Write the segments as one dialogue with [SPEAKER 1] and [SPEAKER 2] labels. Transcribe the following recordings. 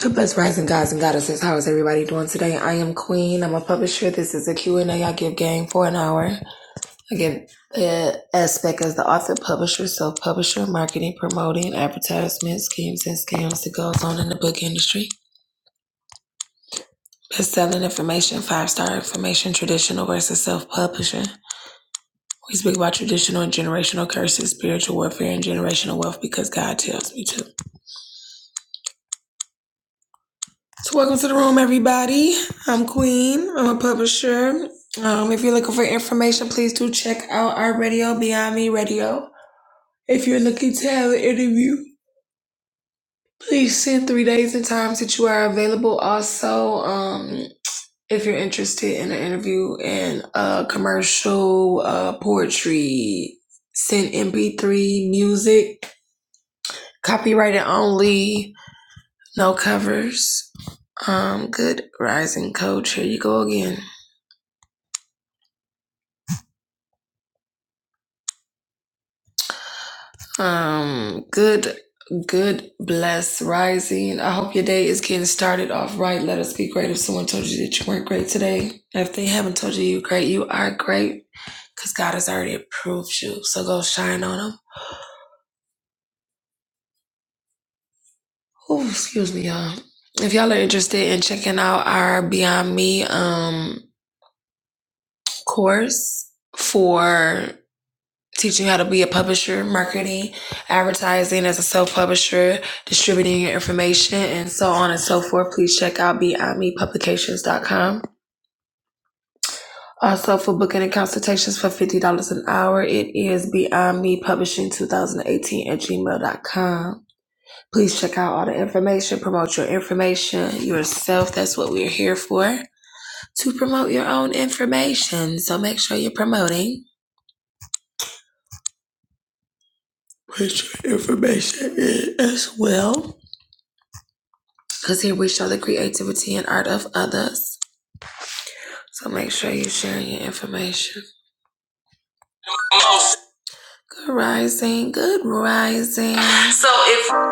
[SPEAKER 1] Good best rising gods and goddesses. How is everybody doing today? I am Queen. I'm a publisher. This is a Q and A I give game for an hour. I give the aspect as the author, publisher, self-publisher, marketing, promoting, advertisement, schemes, and scams that goes on in the book industry. Best-selling information, five-star information, traditional versus self-publishing. We speak about traditional and generational curses, spiritual warfare, and generational wealth because God tells me to. So welcome to the room, everybody. I'm Queen. I'm a publisher. Um, if you're looking for information, please do check out our radio, Beyond Me Radio. If you're looking to have an interview, please send three days and times that you are available. Also, um, if you're interested in an interview and a commercial uh, poetry, send MP3 music, copyrighted only, no covers. Um, good rising coach. Here you go again. Um, good, good, blessed rising. I hope your day is getting started off right. Let us be great. If someone told you that you weren't great today, if they haven't told you you're great, you are great because God has already approved you. So go shine on them. Oh, excuse me, y'all. If y'all are interested in checking out our Beyond Me um course for teach you how to be a publisher, marketing, advertising as a self-publisher, distributing your information, and so on and so forth. Please check out beyond me publications dot com. Also for booking and consultations for $50 an hour, it is Beyond Me Publishing 2018 at gmail dot com. Please check out all the information, promote your information, yourself. That's what we're here for, to promote your own information. So make sure you're promoting. Put your information in as well. because here we show the creativity and art of others. So make sure you're sharing your information. Good rising, good rising. So if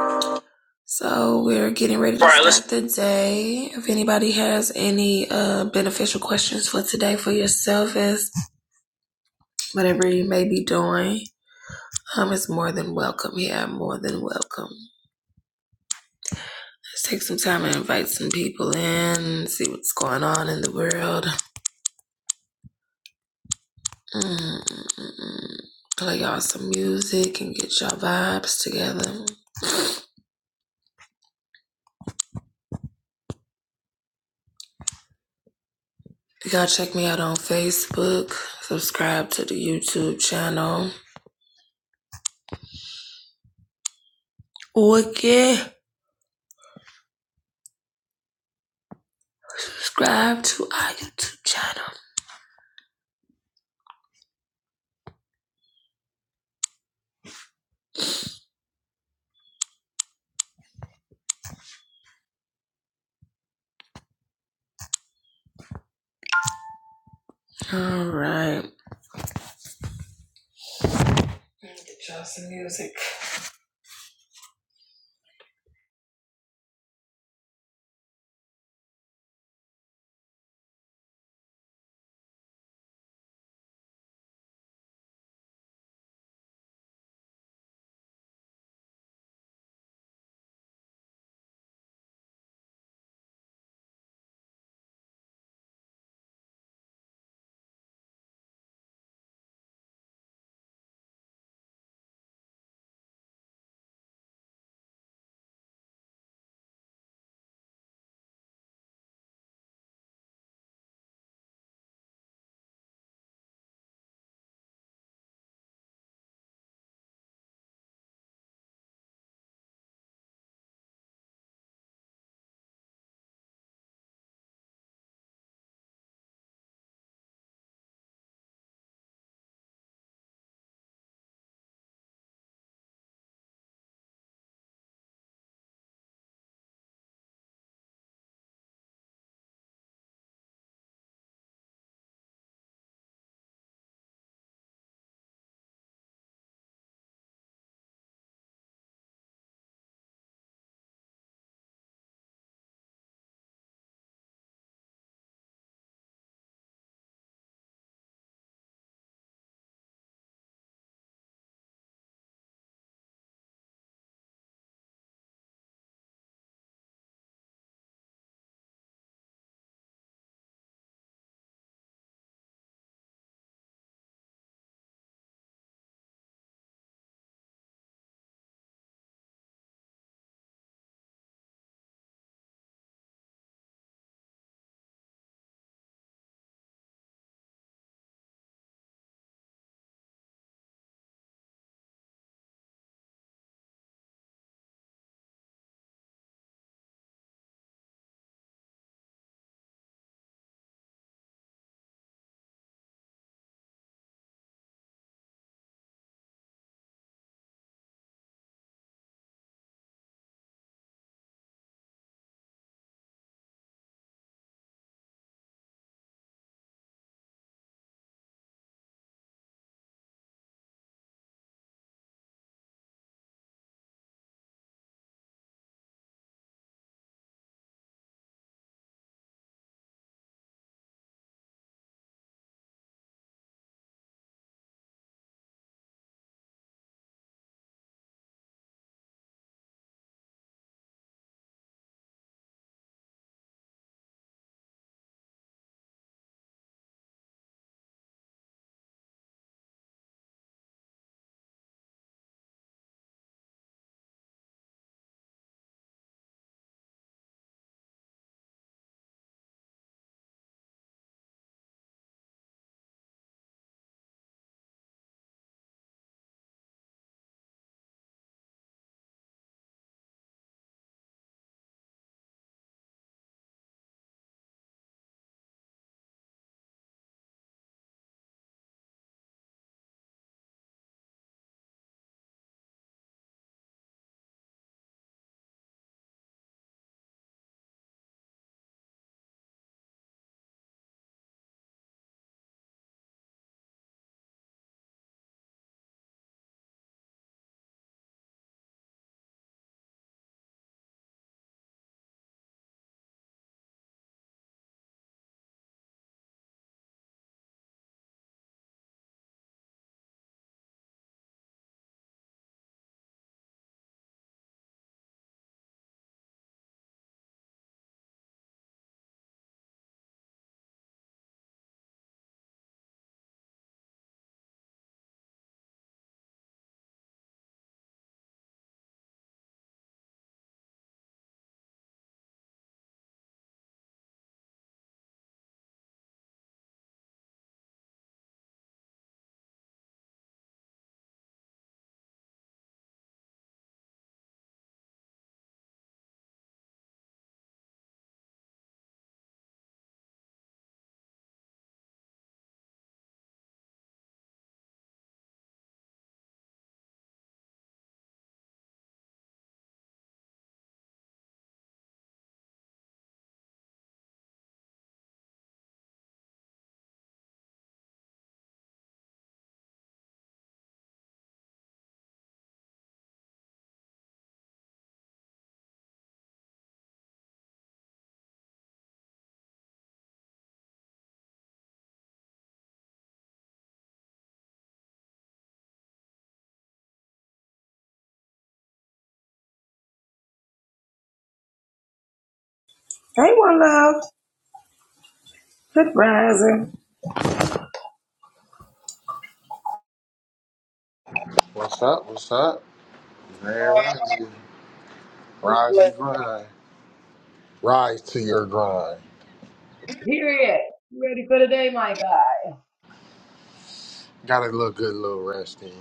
[SPEAKER 1] so, we're getting ready to Alright, start the day. If anybody has any uh, beneficial questions for today for yourself, is whatever you may be doing, um, it's more than welcome. Yeah, more than welcome. Let's take some time and invite some people in, see what's going on in the world. Mm, mm, mm. Play y'all some music and get y'all vibes together. Y'all check me out on Facebook. Subscribe to the YouTube channel. Okay. Subscribe to our YouTube channel. All right. Get y'all some music. Hey, one love. Good rising.
[SPEAKER 2] What's up? What's up? Man, rise, you- rise and grind. Rise to your grind.
[SPEAKER 1] Period. You ready for the day, my God?
[SPEAKER 2] Got a little good little rest in.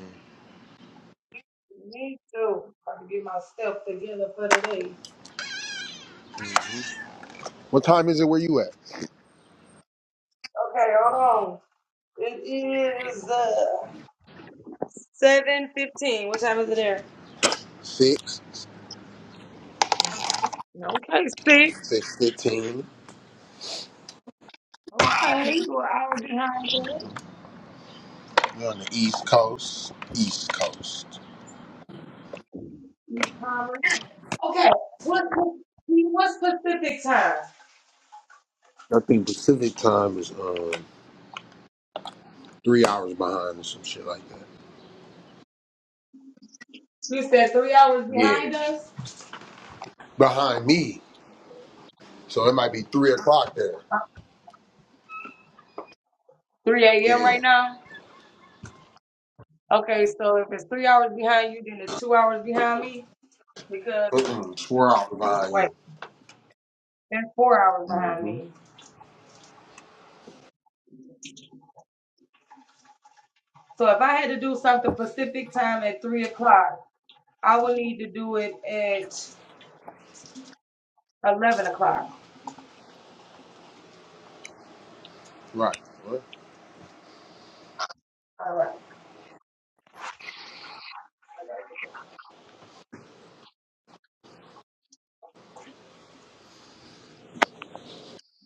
[SPEAKER 1] Me too. I'm Trying to get my stuff together for the day.
[SPEAKER 2] What time is it where you at?
[SPEAKER 1] Okay, hold on. It is. the. Uh, Seven fifteen. What time is it there?
[SPEAKER 2] Six,
[SPEAKER 1] Okay, see?
[SPEAKER 2] six fifteen.
[SPEAKER 1] Okay, you were hour behind us.
[SPEAKER 2] We on the East Coast. East Coast.
[SPEAKER 1] You promised. Okay. What what's Pacific time?
[SPEAKER 2] I think Pacific time is um three hours behind or some shit like that.
[SPEAKER 1] You said three hours
[SPEAKER 2] Yeah,
[SPEAKER 1] behind us?
[SPEAKER 2] behind me. So it might be three o'clock there.
[SPEAKER 1] Uh, 3 a.m.
[SPEAKER 2] Yeah.
[SPEAKER 1] right now? Okay, so if it's three hours behind you, then it's two hours behind me because
[SPEAKER 2] Mm-mm, swear out behind
[SPEAKER 1] wait,
[SPEAKER 2] you.
[SPEAKER 1] that's four hours behind
[SPEAKER 2] Mm-hmm.
[SPEAKER 1] me. So if I had to do something Pacific time at three o'clock, I would need to do it at eleven o'clock.
[SPEAKER 2] Right. What?
[SPEAKER 1] All right.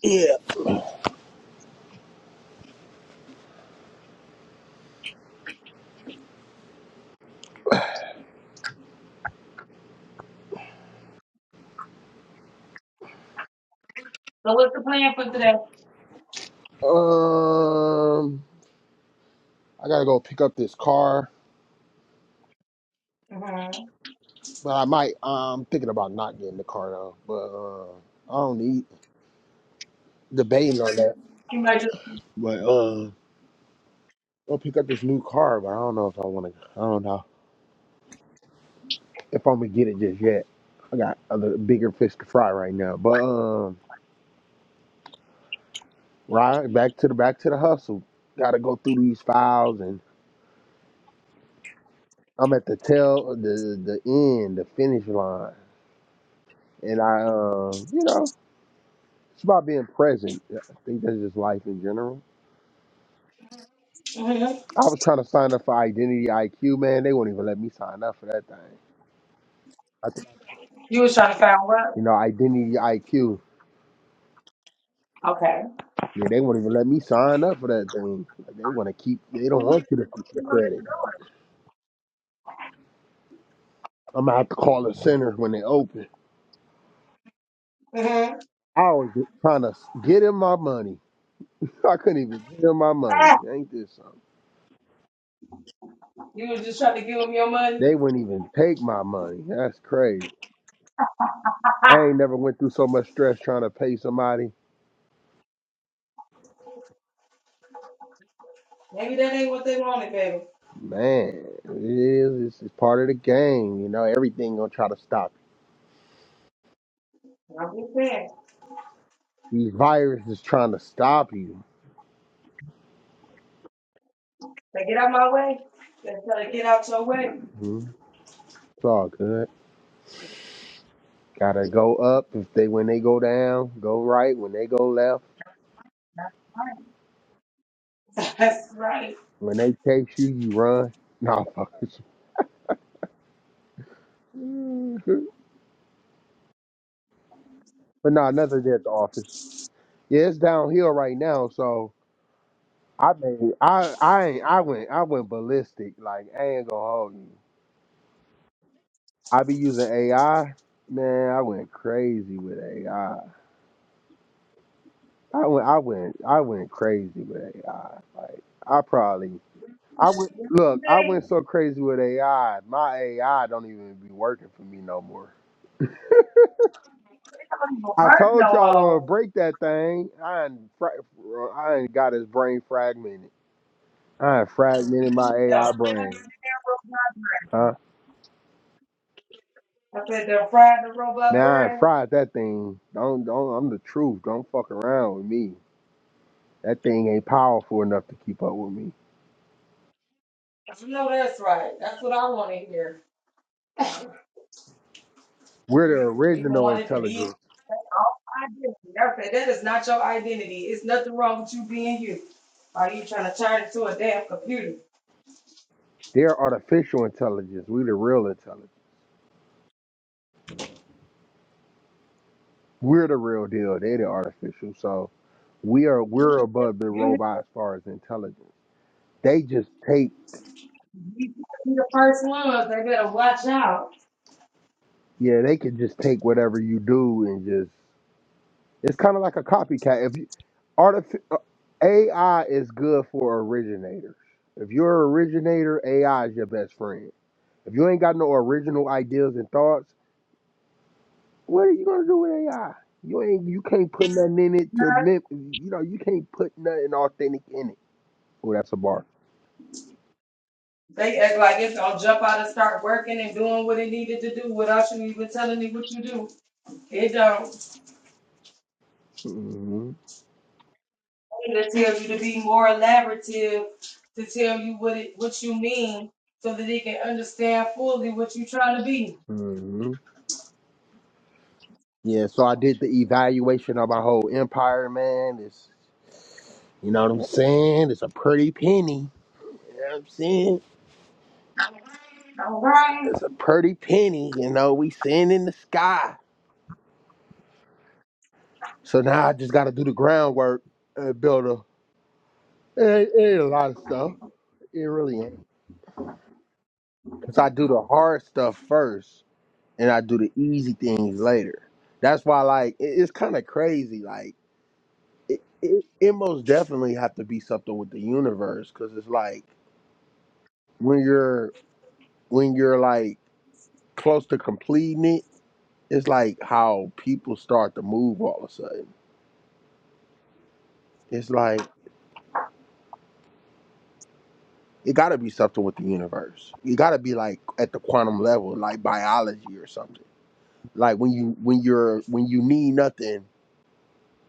[SPEAKER 2] Yeah.
[SPEAKER 1] So what's the plan for
[SPEAKER 2] Um. I gotta go pick up this car,
[SPEAKER 1] today?
[SPEAKER 2] but I might. I'm thinking about not getting the car though. But uh, I don't need debating on that.
[SPEAKER 1] You might just,
[SPEAKER 2] But uh, I'll pick up this new car, but I don't know if I want to. I don't know if I'm gonna get it just yet. I got other bigger fish to fry right now. But um, right back to the back to the hustle. Got to go through these files, and I'm at the tail, uh, the the end, the finish line, and I um, you know, it's about being present. I think that's just life in general
[SPEAKER 1] hmm
[SPEAKER 2] I was trying to sign up for Identity IQ, man. They won't even let me sign up for that thing. I think,
[SPEAKER 1] you was trying to find what?
[SPEAKER 2] you know, Identity IQ.
[SPEAKER 1] Okay.
[SPEAKER 2] Yeah, they won't even let me sign up for that thing. Like, they want to keep. They don't want you to keep the
[SPEAKER 1] You know
[SPEAKER 2] credit. I'm gonna have to call the center when they open.
[SPEAKER 1] what you're doing. hmm
[SPEAKER 2] I was just trying to s- get in my money. I couldn't even get in my money.
[SPEAKER 1] Ah,
[SPEAKER 2] Ain't this something?
[SPEAKER 1] you was just trying to give them your money.
[SPEAKER 2] They wouldn't even take my money. That's crazy. I ain't never went through so much stress trying to pay somebody.
[SPEAKER 1] Maybe that ain't what they wanted, baby.
[SPEAKER 2] Man, it is. It's, it's part of the game. You know, everything gonna try to stop.
[SPEAKER 1] I'm just saying.
[SPEAKER 2] These viruses is trying to stop you.
[SPEAKER 1] They get out my way. They try to get out your way.
[SPEAKER 2] hmm It's all good. Gotta go up if they when they go down, go right when they go left.
[SPEAKER 1] Right. That's right.
[SPEAKER 2] When they chase you, you run. Nah, fuck fuckers. But nah, nothing there at the office. Yeah, it's downhill right now, so I mean, I I ain't I went I went ballistic. Like I ain't gonna hold you. I be using AI. Man, I went crazy with AI. I I went I went I went crazy with AI. Like I probably I went
[SPEAKER 1] They
[SPEAKER 2] look. I went
[SPEAKER 1] don't
[SPEAKER 2] so crazy with AI. My AI don't even be working for me no more.
[SPEAKER 1] even
[SPEAKER 2] I
[SPEAKER 1] work
[SPEAKER 2] told
[SPEAKER 1] no
[SPEAKER 2] y'all I'm gonna
[SPEAKER 1] more.
[SPEAKER 2] break that thing. I ain't, fra- I ain't got his brain fragmented. I ain't fragmented my
[SPEAKER 1] They don't
[SPEAKER 2] AI
[SPEAKER 1] fry
[SPEAKER 2] brain.
[SPEAKER 1] the robot.
[SPEAKER 2] Huh?
[SPEAKER 1] I said they're frying the robot
[SPEAKER 2] Man, I ain't
[SPEAKER 1] bread.
[SPEAKER 2] fried that thing. Don't don't. I'm the truth. Don't fuck around with me. That thing ain't powerful enough to keep up with me.
[SPEAKER 1] You know that's right. That's what I want to hear.
[SPEAKER 2] We're the
[SPEAKER 1] People
[SPEAKER 2] original
[SPEAKER 1] wanted to be
[SPEAKER 2] intelligence.
[SPEAKER 1] identity. That's it. That is not your identity. It's nothing wrong with you being you. Are you trying to turn into a damn computer?
[SPEAKER 2] They're artificial intelligence. We the real intelligence. We're the real deal. They the artificial. So. We are we're above the
[SPEAKER 1] You need to
[SPEAKER 2] robot as far as intelligence. They just take
[SPEAKER 1] be be the first ones. They better watch out.
[SPEAKER 2] yeah, they can just take whatever you do and just it's kind of like a copycat. If you artific- uh, AI is good for originators. If you're an originator, AI is your best friend. If you ain't got no original ideas and thoughts, what are you gonna do with AI? You ain't you can't put nothing in it to mim- you know you can't put nothing authentic in it. Oh, that's a bar.
[SPEAKER 1] They act like it's gonna jump out and start working and doing what it needed to do without you even telling it what you do. It don't.
[SPEAKER 2] hmm
[SPEAKER 1] It tell you to be more elaborative, to tell you what it what you mean, so that it can understand fully what you're trying to be.
[SPEAKER 2] Yeah, so I did the evaluation of my whole empire, man. It's, you know what I'm saying? It's a pretty penny. You know what I'm saying? It's a pretty penny. You know, we seeing in the sky. So now I just got to do the groundwork and build a. It, ain't- it ain't a lot of stuff. It really ain't. Cause I do the hard stuff first, and I do the easy things later. That's why, like, it, it's kind of crazy. Like, it, it, it most definitely have to be something with the universe, cause it's like when you're when you're like close to completing it, it's like how people start to move all of a sudden. It's like it got to be something with the universe. You got to be like at the quantum level, like biology or something. Like when you when you're when you need nothing,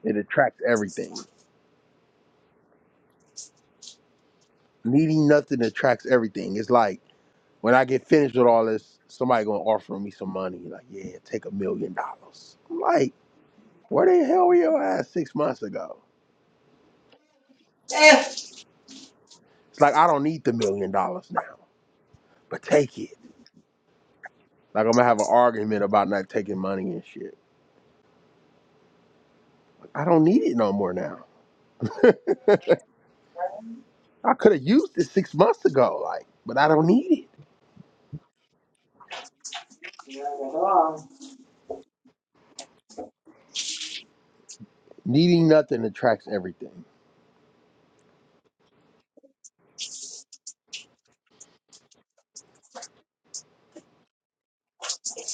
[SPEAKER 2] it attracts everything. Needing nothing attracts everything. It's like when I get finished with all this, somebody gonna offer me some money. Like, yeah, take a million dollars. I'm like, where the hell were your ass six months ago?
[SPEAKER 1] Eh.
[SPEAKER 2] It's like I don't need the million dollars now. but take it. Like I'm gonna have an argument about not taking money and shit. I don't need it no more now. I could have used it six months ago, like, but I don't need it.
[SPEAKER 1] Not at all.
[SPEAKER 2] Needing nothing attracts everything.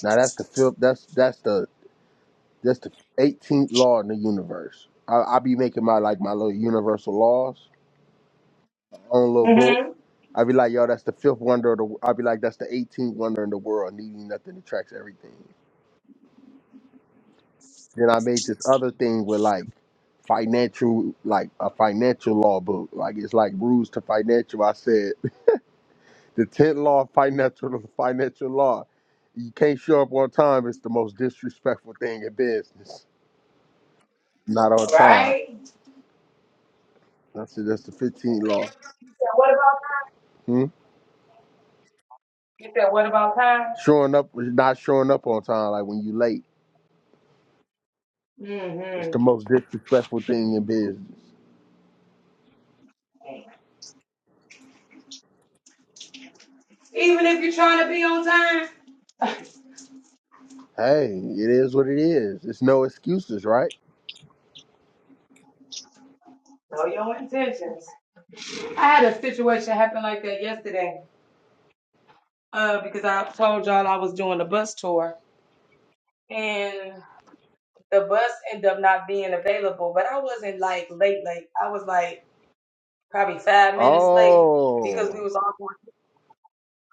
[SPEAKER 2] Now that's the fifth. That's that's the that's the 18th law in the universe. I, I be making my like my little universal laws my own little book.
[SPEAKER 1] hmm
[SPEAKER 2] I be like, yo, that's the fifth wonder of the. I be like, that's the 18th wonder in the world. Needing nothing attracts everything. Then I made this other thing with like financial, like a financial law book. Like it's like rules to financial. I said the tenth law of financial financial law. You can't show up on time. It's the most disrespectful thing in business. Not on time.
[SPEAKER 1] Right? Yeah,
[SPEAKER 2] I said that's the fifteenth law.
[SPEAKER 1] what about
[SPEAKER 2] Hmm?
[SPEAKER 1] Get that what about time?
[SPEAKER 2] Showing up, not showing up on time. Like when you late, it's
[SPEAKER 1] Mm-hmm.
[SPEAKER 2] the most disrespectful thing in business.
[SPEAKER 1] Even if you're trying to be on time,
[SPEAKER 2] Hey, it is what it is. It's no excuses, right?
[SPEAKER 1] know your intentions. I had a situation happen like that yesterday. Uh, because I told y'all I was doing a bus tour and the bus ended up not being available, but I wasn't like late, late. I was like probably five minutes late because we
[SPEAKER 2] Oh.
[SPEAKER 1] was all going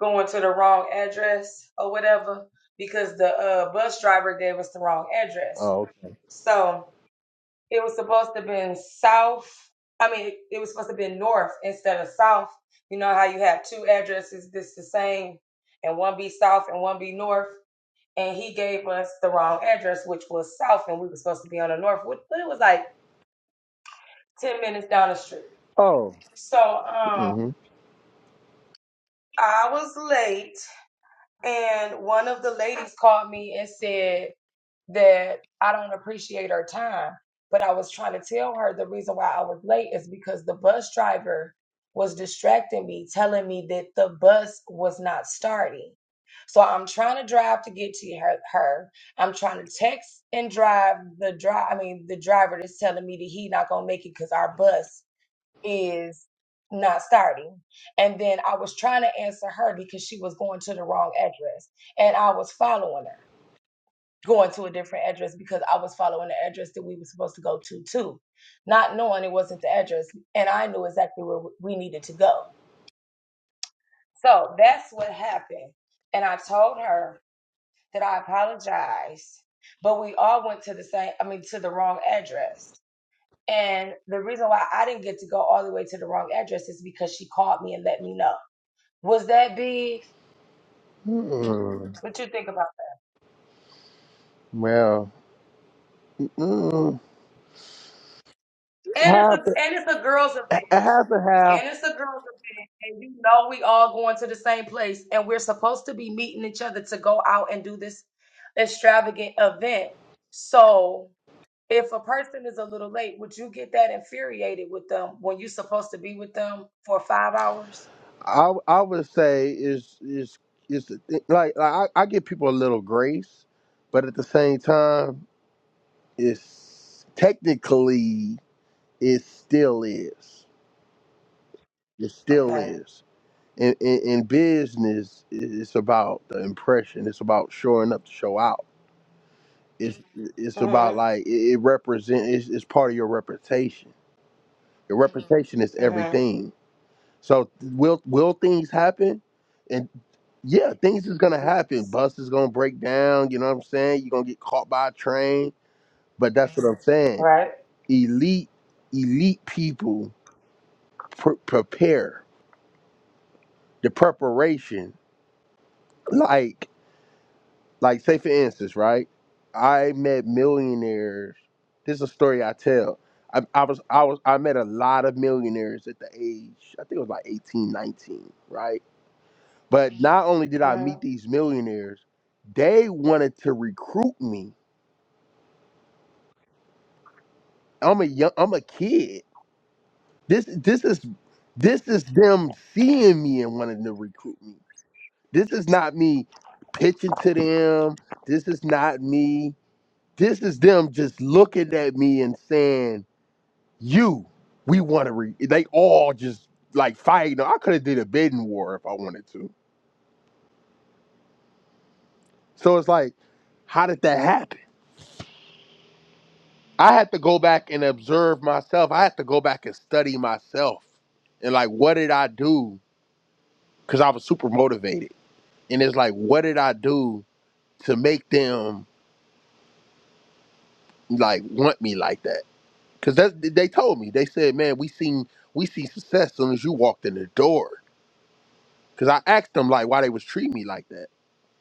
[SPEAKER 1] going to the wrong address or whatever because the uh, bus driver gave us the wrong address.
[SPEAKER 2] Oh, okay.
[SPEAKER 1] So It was supposed to been south. I mean, it was supposed to be north instead of south. You know how you have two addresses that's the same, and one be south and one be north. And he gave us the wrong address, which was south, and we were supposed to be on the north, which- but it was like ten minutes down the street.
[SPEAKER 2] Oh.
[SPEAKER 1] So um,
[SPEAKER 2] hmm
[SPEAKER 1] I was late, and one of the ladies called me and said that I don't appreciate her time. But I was trying to tell her the reason why I was late is because the bus driver was distracting me, telling me that the bus was not starting. So I'm trying to drive to get to her. her. I'm trying to text and drive the drive. I mean, the driver that's telling me that he not gonna make it because our bus is not starting. And then I was trying to answer her because she was going to the wrong address, and I was following her going to a different address because I was following the address that we were supposed to go to too, not knowing it wasn't the address, and I knew exactly where we needed to go. So that's what happened, and I told her that I apologized, but we all went to the same, I mean, to the wrong address. And the reason why I didn't get to go all the way to the wrong address is because she called me and let me know. Was that big?
[SPEAKER 2] mm
[SPEAKER 1] What you think about
[SPEAKER 2] Well, mm,
[SPEAKER 1] that? And it's a
[SPEAKER 2] half,
[SPEAKER 1] and it's a girls event.
[SPEAKER 2] half and half.
[SPEAKER 1] And it's a girls event, and you know we all going to the same place, and we're supposed to be meeting each other to go out and do this extravagant event. So if a person is a little late, would you get that infuriated with them when you're supposed to be with them for five hours?
[SPEAKER 2] I I would say is is is the thi- like, like I, I give people a little grace, but at the same time, it's technically it still is. It still
[SPEAKER 1] Okay.
[SPEAKER 2] is. In, in, in business, it's about the impression. It's about showing up to show out. It's it's about
[SPEAKER 1] Mhm.
[SPEAKER 2] like it, it represent. It's, it's part of your reputation. Your reputation is
[SPEAKER 1] Mhm.
[SPEAKER 2] everything So will will things happen? And yeah, things is gonna
[SPEAKER 1] Yeah,
[SPEAKER 2] happen. Bus is gonna break down. You know what I'm saying? You're gonna get caught by a train. But that's what I'm saying.
[SPEAKER 1] Right.
[SPEAKER 2] Elite, elite people pr- prepare the preparation. Like, like say for instance, right? I met millionaires. This is a story I tell. I, I was I was I met a lot of millionaires at the age I think it was like 18, 19, right? But not only did I meet
[SPEAKER 1] Mhm.
[SPEAKER 2] these millionaires, they wanted to recruit me. I'm a young, I'm a kid. This this is this is them seeing me and wanting to recruit me. This is not me pitching to them. This is not me. This is them just looking at me and saying, "You, we want to." Re-. They all just like fighting. I could have did a bidding war if I wanted to. So it's like, how did that happen? I had to go back and observe myself. I had to go back and study myself. And like, what did I do? Because I was super motivated. And it's like, what did I do to make them like want me like that? Because that's they told me. They said, man, we seen we see success as soon as you walked in the door. Because I asked them like why they was treating me like that.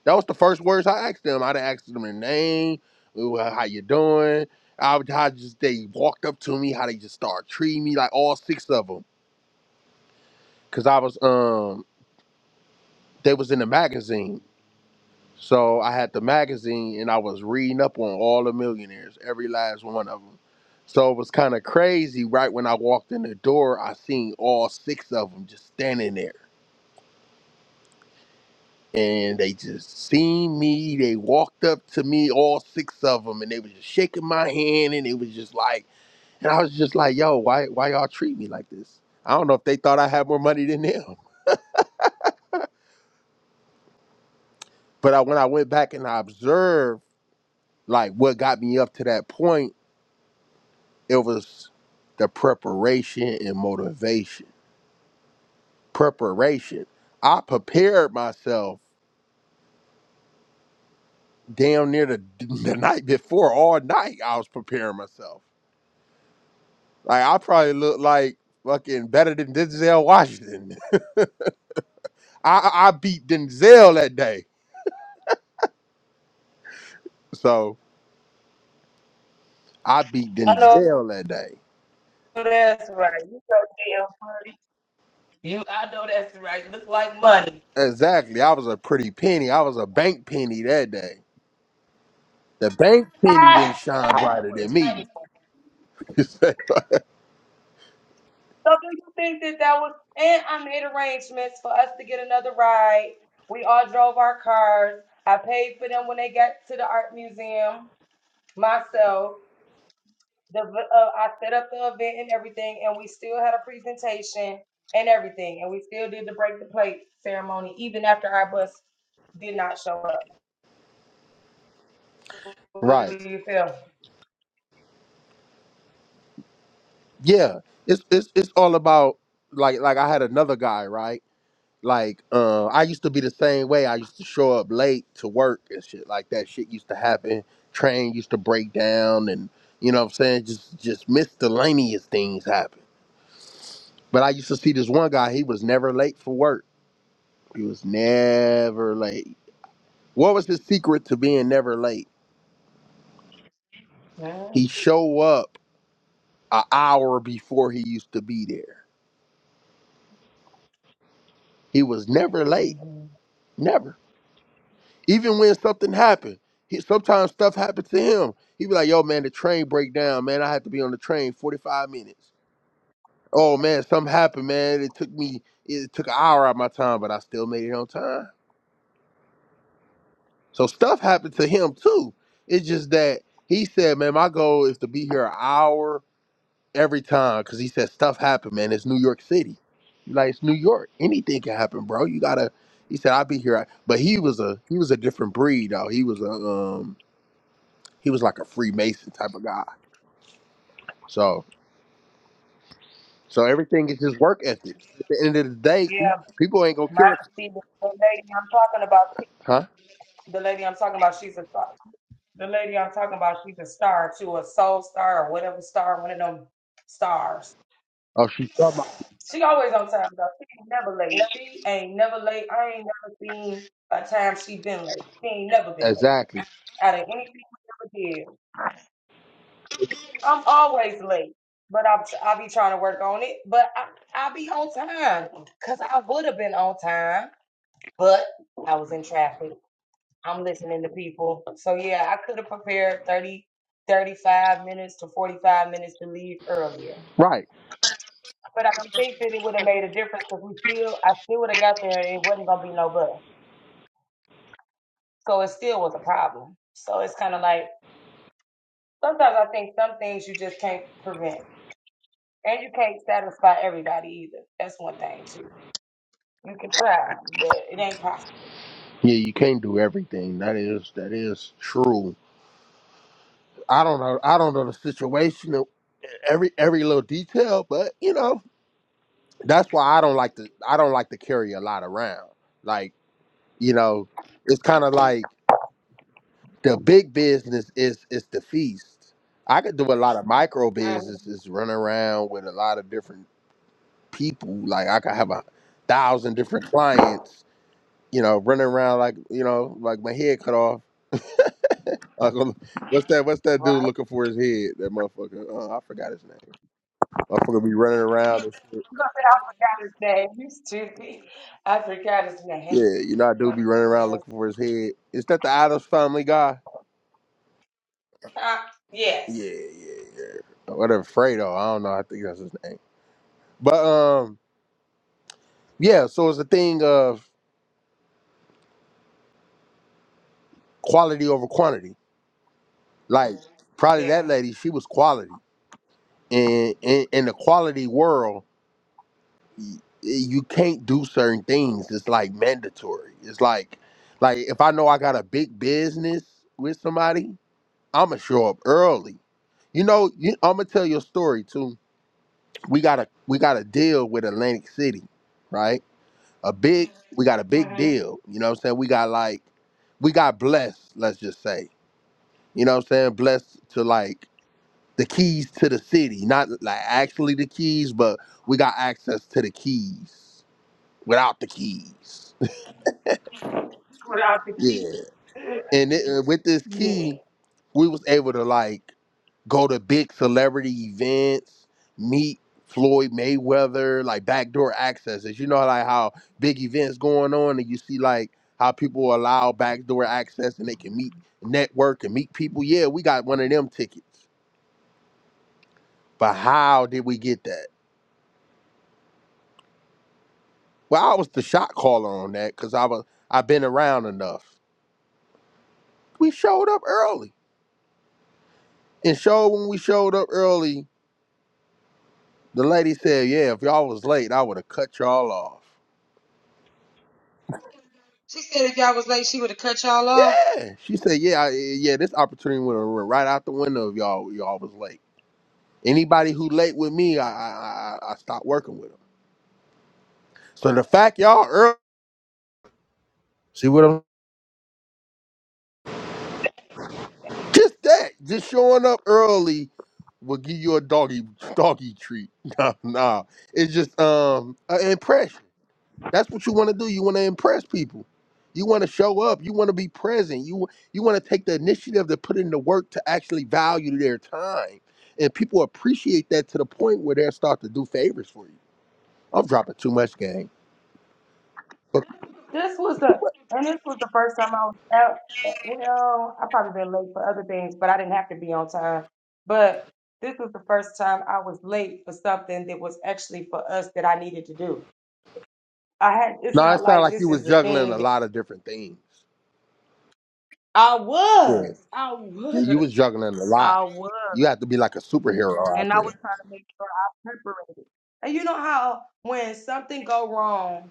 [SPEAKER 2] That was the first words I asked them. I did asked them their name, "Ooh, well, how you doing. I, I just they walked up to me, how they just started treating me like all six of them. because I was um they was in the magazine, so I had the magazine and I was reading up on all the millionaires, every last one of them. So it was kind of crazy. Right when I walked in the door, I seen all six of them just standing there, and they just seen me. They walked up to me, all six of them, and they was just shaking my hand, and it was just like, and I was just like, yo, why why y'all treat me like this? I don't know if they thought I had more money than them. But I, when I went back and I observed like what got me up to that point it was the preparation and motivation preparation i prepared myself damn near the, the night before all night i was preparing myself like i probably looked like fucking better than denzel washington i i I beat denzel that day so i beat
[SPEAKER 1] I know
[SPEAKER 2] denzel that day
[SPEAKER 1] that's right. You know, damn. You. I know that's right. Look like money.
[SPEAKER 2] exactly i was a pretty penny i was a bank penny that day the bank penny didn't shine brighter than me
[SPEAKER 1] So do you think that that was? And I made arrangements for us to get another ride. We all drove our cars. I paid for them when they got to the art museum myself. The v- uh, I set up the event and everything, and we still had a presentation and everything, and we still did the break the plate ceremony even after our bus did not show up.
[SPEAKER 2] Right.
[SPEAKER 1] Yeah,
[SPEAKER 2] Yeah, it's it's it's all about like like I had another guy right. Like uh, I used to be the same way. I used to show up late to work and shit like that. Shit used to happen. Train used to break down, and you know what I'm saying just just miscellaneous things happen. But I used to see this one guy. He was never late for work. He was never late. What was his secret to being never late? He show up an hour before he used to be there. He was never late.
[SPEAKER 1] Mhm.
[SPEAKER 2] Never. Even when something happened, he sometimes stuff happened to him. He be like, "Yo, man, the train break down, man. I had to be on the train 45 minutes. Oh man, something happened, man. It took me, it took an hour out of my time, but I still made it on time. So stuff happened to him too. It's just that he said, man, my goal is to be here an hour every time, because he said stuff happened, man. It's New York City, like it's New York. Anything can happen, bro. You gotta. He said, I'll be here, but he was a he was a different breed, though. He was a um He was like a Freemason type of guy. So so everything is his work ethic. At the end of the day,
[SPEAKER 1] yeah.
[SPEAKER 2] people ain't gonna
[SPEAKER 1] My
[SPEAKER 2] care.
[SPEAKER 1] see the the lady I'm talking about,
[SPEAKER 2] Huh?
[SPEAKER 1] the lady I'm talking about, she's a star. The lady I'm talking about, she's a star too, a soul star or whatever star, one of them stars.
[SPEAKER 2] Oh, she's somebody.
[SPEAKER 1] She always on time though. She ain't never late. She ain't never late. I ain't never seen a time she been late. She ain't never been late.
[SPEAKER 2] Exactly.
[SPEAKER 1] Out of anything we ever did, I'm always late. But I'll I be trying to work on it. But I I be on time because I would have been on time, but I was in traffic. I'm listening to people. So yeah, I could have prepared 30, 35 minutes to 45 minutes to leave earlier.
[SPEAKER 2] Right.
[SPEAKER 1] But I don't think that it would have made a difference because we still, I still would have got there and it wasn't going to be no bus. So it still was a problem. So it's kind of like, sometimes I think some things you just can't prevent. And you can't satisfy everybody either. That's one thing too. You can try, but it ain't possible.
[SPEAKER 2] Yeah, you can't do everything. That is that is true. I don't know. I don't know the situation, uh, every every little detail, but you know that's why I don't like to. I don't like to carry a lot around. Like you know, it's kind of like. the big business is is the feast. I could do a lot of micro
[SPEAKER 1] I'm
[SPEAKER 2] businesses, run around with a lot of different people. Like I could have a thousand different clients, you know, running around like you know, like my head cut off. Like, um, what's that? What's that
[SPEAKER 1] right.
[SPEAKER 2] dude looking for his head? That motherfucker. Oh, I forgot his name. Motherfucker be running around. and shit.
[SPEAKER 1] i his name. You stupid. I forgot his name.
[SPEAKER 2] Yeah, you know, I do be
[SPEAKER 1] Oh,
[SPEAKER 2] running around
[SPEAKER 1] that's,
[SPEAKER 2] looking for his head. Is that the Adams Family guy?
[SPEAKER 1] uh, yes.
[SPEAKER 2] Yeah, yeah, yeah. Whatever, Fredo. I don't know. I think that's his name. But um. Yeah, so it's a thing of quality over quantity. Like probably that
[SPEAKER 1] Yeah.
[SPEAKER 2] lady, she was quality. And in, in the quality world, y- you can't do certain things. It's like mandatory. It's like like if I know I got a big business with somebody, I'ma show up early. You know, you, I'm gonna tell you a story too. We got a we got a deal with Atlantic City, right? A big we got a big
[SPEAKER 1] Mm-hmm.
[SPEAKER 2] deal. You know what I'm saying? We got like we got blessed, let's just say you know what I'm saying, blessed to like the keys to the city, not like actually the keys, but we got access to the keys without the keys.
[SPEAKER 1] Without the
[SPEAKER 2] yeah.
[SPEAKER 1] key.
[SPEAKER 2] And it, uh, with this key,
[SPEAKER 1] Yeah.
[SPEAKER 2] we was able to like go to big celebrity events, meet Floyd Mayweather, like backdoor accesses. You know, like how big events going on, and you see like how people allow backdoor access, and they can meet, network, and meet people. Yeah, we got one of them tickets. But how did we get that? Well, I was the shot caller on that because I was I've been around enough. We showed up early. And showed when we showed up early, the lady said, Yeah, if y'all was late, I would have cut y'all off.
[SPEAKER 1] She said if y'all was late, she would have cut y'all off.
[SPEAKER 2] Yeah. She said, Yeah, I, yeah, this opportunity would have went right out the window if y'all y'all was late. Anybody who late with me, I I, I I stopped working with them. So the fact y'all early see what I'm just that, just showing up early will give you a doggy doggy treat. nah, nah. It's just um an impression. That's what you want to do. You want to impress people. You want to show up. You want to be present. You you want to take the initiative to put in the work to actually value their time. And people appreciate that to the point where they'll start to do favors for you. I'm dropping too much game. But
[SPEAKER 1] This was the and this was the first time I was out. Well, I probably been late for other things, but I didn't have to be on time. But this was the first time I was late for something that was actually for us that I needed to do. I had. It's
[SPEAKER 2] no, it
[SPEAKER 1] not
[SPEAKER 2] sounds
[SPEAKER 1] like
[SPEAKER 2] like you
[SPEAKER 1] this
[SPEAKER 2] was
[SPEAKER 1] is a
[SPEAKER 2] juggling
[SPEAKER 1] thing
[SPEAKER 2] a
[SPEAKER 1] that
[SPEAKER 2] lot of different things.
[SPEAKER 1] I
[SPEAKER 2] Yeah.
[SPEAKER 1] was. I
[SPEAKER 2] Yeah, you was
[SPEAKER 1] was.
[SPEAKER 2] juggling a lot.
[SPEAKER 1] I was,
[SPEAKER 2] You have to be like a superhero out
[SPEAKER 1] and I was
[SPEAKER 2] there.
[SPEAKER 1] trying to make sure I separated. And you know how when something go wrong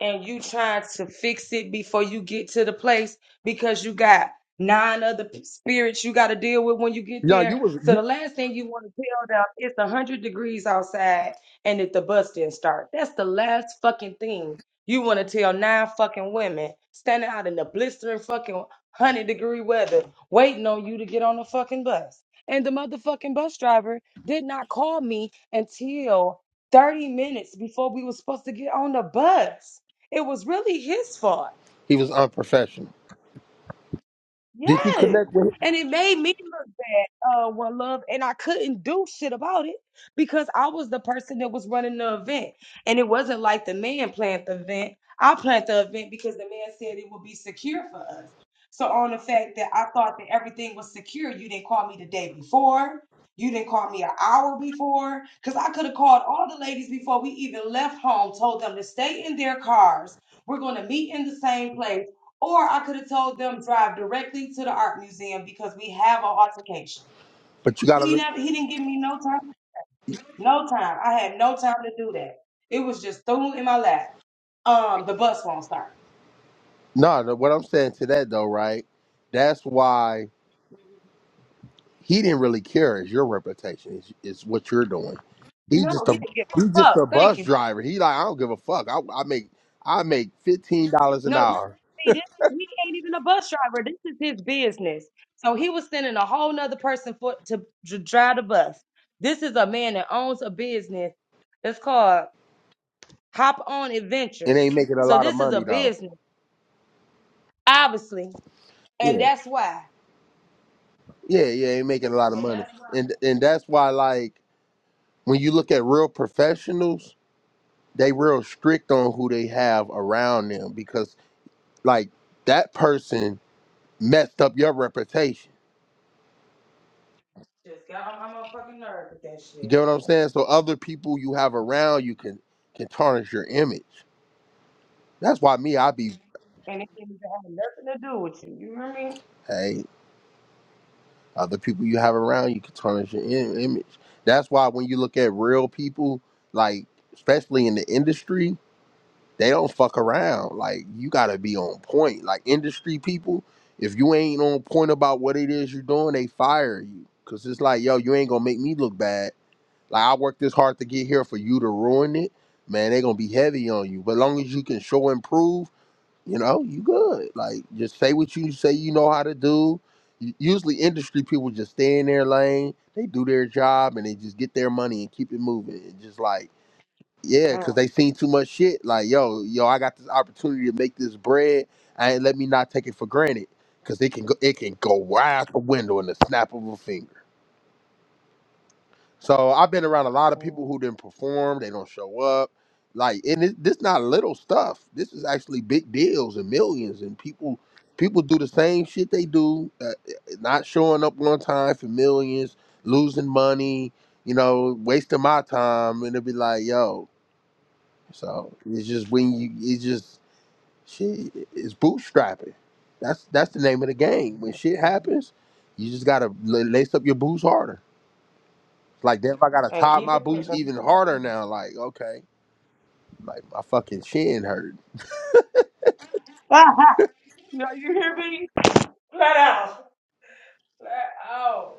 [SPEAKER 1] and you trying to fix it before you get to the place because you got nine other p- spirits you got to deal with when you get
[SPEAKER 2] No, you
[SPEAKER 1] there.
[SPEAKER 2] was
[SPEAKER 1] So
[SPEAKER 2] you,
[SPEAKER 1] the last thing you want to tell them it's a hundred degrees outside and that the bus didn't start. That's the last fucking thing you want to tell nine fucking women standing out in the blistering fucking hundred degree weather waiting on you to get on the fucking bus. And the motherfucking bus driver did not call me until 30 minutes before we were supposed to get on the bus. It was really his fault.
[SPEAKER 2] he was unprofessional. Did you
[SPEAKER 1] Yes.
[SPEAKER 2] connect with him?
[SPEAKER 1] And it made me look bad, uh, one love, and I couldn't do shit about it because I was the person that was running the event. And it wasn't like the man planned the event. I planned the event because the man said it would be secure for us. So on the fact that I thought that everything was secure, you didn't call me the day before. You didn't call me an hour before. Because I could have called all the ladies before we even left home, told them to stay in their cars. We're going to meet in the same place Or I could have told them drive directly to the art museum because we have an altercation.
[SPEAKER 2] But you gotta
[SPEAKER 1] He
[SPEAKER 2] look
[SPEAKER 1] never, he didn't give me no time, no time. I had no time to do that. It was just thrown in my lap. Um, the bus won't start.
[SPEAKER 2] no, no, what I'm saying to that though, right? That's why He didn't really care. It's your reputation. It's, it's what you're doing. He's
[SPEAKER 1] No,
[SPEAKER 2] just a
[SPEAKER 1] he didn't give a
[SPEAKER 2] he's just
[SPEAKER 1] fuck.
[SPEAKER 2] a
[SPEAKER 1] Thank
[SPEAKER 2] bus
[SPEAKER 1] you.
[SPEAKER 2] driver. He like I don't give a fuck. I, I make I make fifteen dollars an
[SPEAKER 1] No, this,
[SPEAKER 2] hour
[SPEAKER 1] he, this, he ain't even a bus driver. This is his business. So he was sending a whole nother person for to dr- drive the bus. This is a man that owns a business. It's called Hop On
[SPEAKER 2] and ain't
[SPEAKER 1] Adventures.
[SPEAKER 2] making a
[SPEAKER 1] So
[SPEAKER 2] lot of
[SPEAKER 1] this is a
[SPEAKER 2] money though.
[SPEAKER 1] business, obviously, and
[SPEAKER 2] Yeah,
[SPEAKER 1] that's why.
[SPEAKER 2] yeah, yeah. Ain't making a lot of money, and and that's why like when you look at real professionals, they real strict on who they have around them because like that person messed up your reputation.
[SPEAKER 1] my motherfucking shit.
[SPEAKER 2] You get what I'm saying? So other people you have around you can can tarnish your image. That's why me, I be
[SPEAKER 1] And it didn't even have nothing to do with you. You remember me?
[SPEAKER 2] hey, other people you have around, you can tarnish your im- image. That's why when you look at real people, like especially in the industry, they don't fuck around. Like you gotta be on point. Like industry people, if you ain't on point about what it is you're doing, they fire you. Cause it's like, yo, you ain't gonna make me look bad. Like I worked this hard to get here for you to ruin it. Man, they gonna be heavy on you. But long as you can show improve you know, you good. Like, just say what you say you know how to do. U- Usually, industry people just stay in their lane. They do their job and they just get their money and keep it moving. And just like, yeah, because
[SPEAKER 1] Mm,
[SPEAKER 2] they seen too much shit. Like, yo, yo, I got this opportunity to make this bread. And let me not take it for granted because it can go, it can go right out the window in the snap of a finger. So I've been around a lot of people
[SPEAKER 1] mm.
[SPEAKER 2] who didn't perform. They don't show up. Like, and it, this not little stuff. This is actually big deals and millions. And people, people do the same shit they do, uh, eh, not showing up one time for millions, losing money. You know, wasting my time. And it'll be like, yo. So it's just when you, it's just shit. It's bootstrapping. That's that's the name of the game. When shit happens, you just gotta l- lace up your boots harder. Like, damn, I gotta
[SPEAKER 1] And
[SPEAKER 2] tie
[SPEAKER 1] keep
[SPEAKER 2] my
[SPEAKER 1] it
[SPEAKER 2] boots
[SPEAKER 1] pushing. Ah.
[SPEAKER 2] even harder now. Like, okay, like my fucking shin hurt.
[SPEAKER 1] No, you hear me? Flat out. Flat out.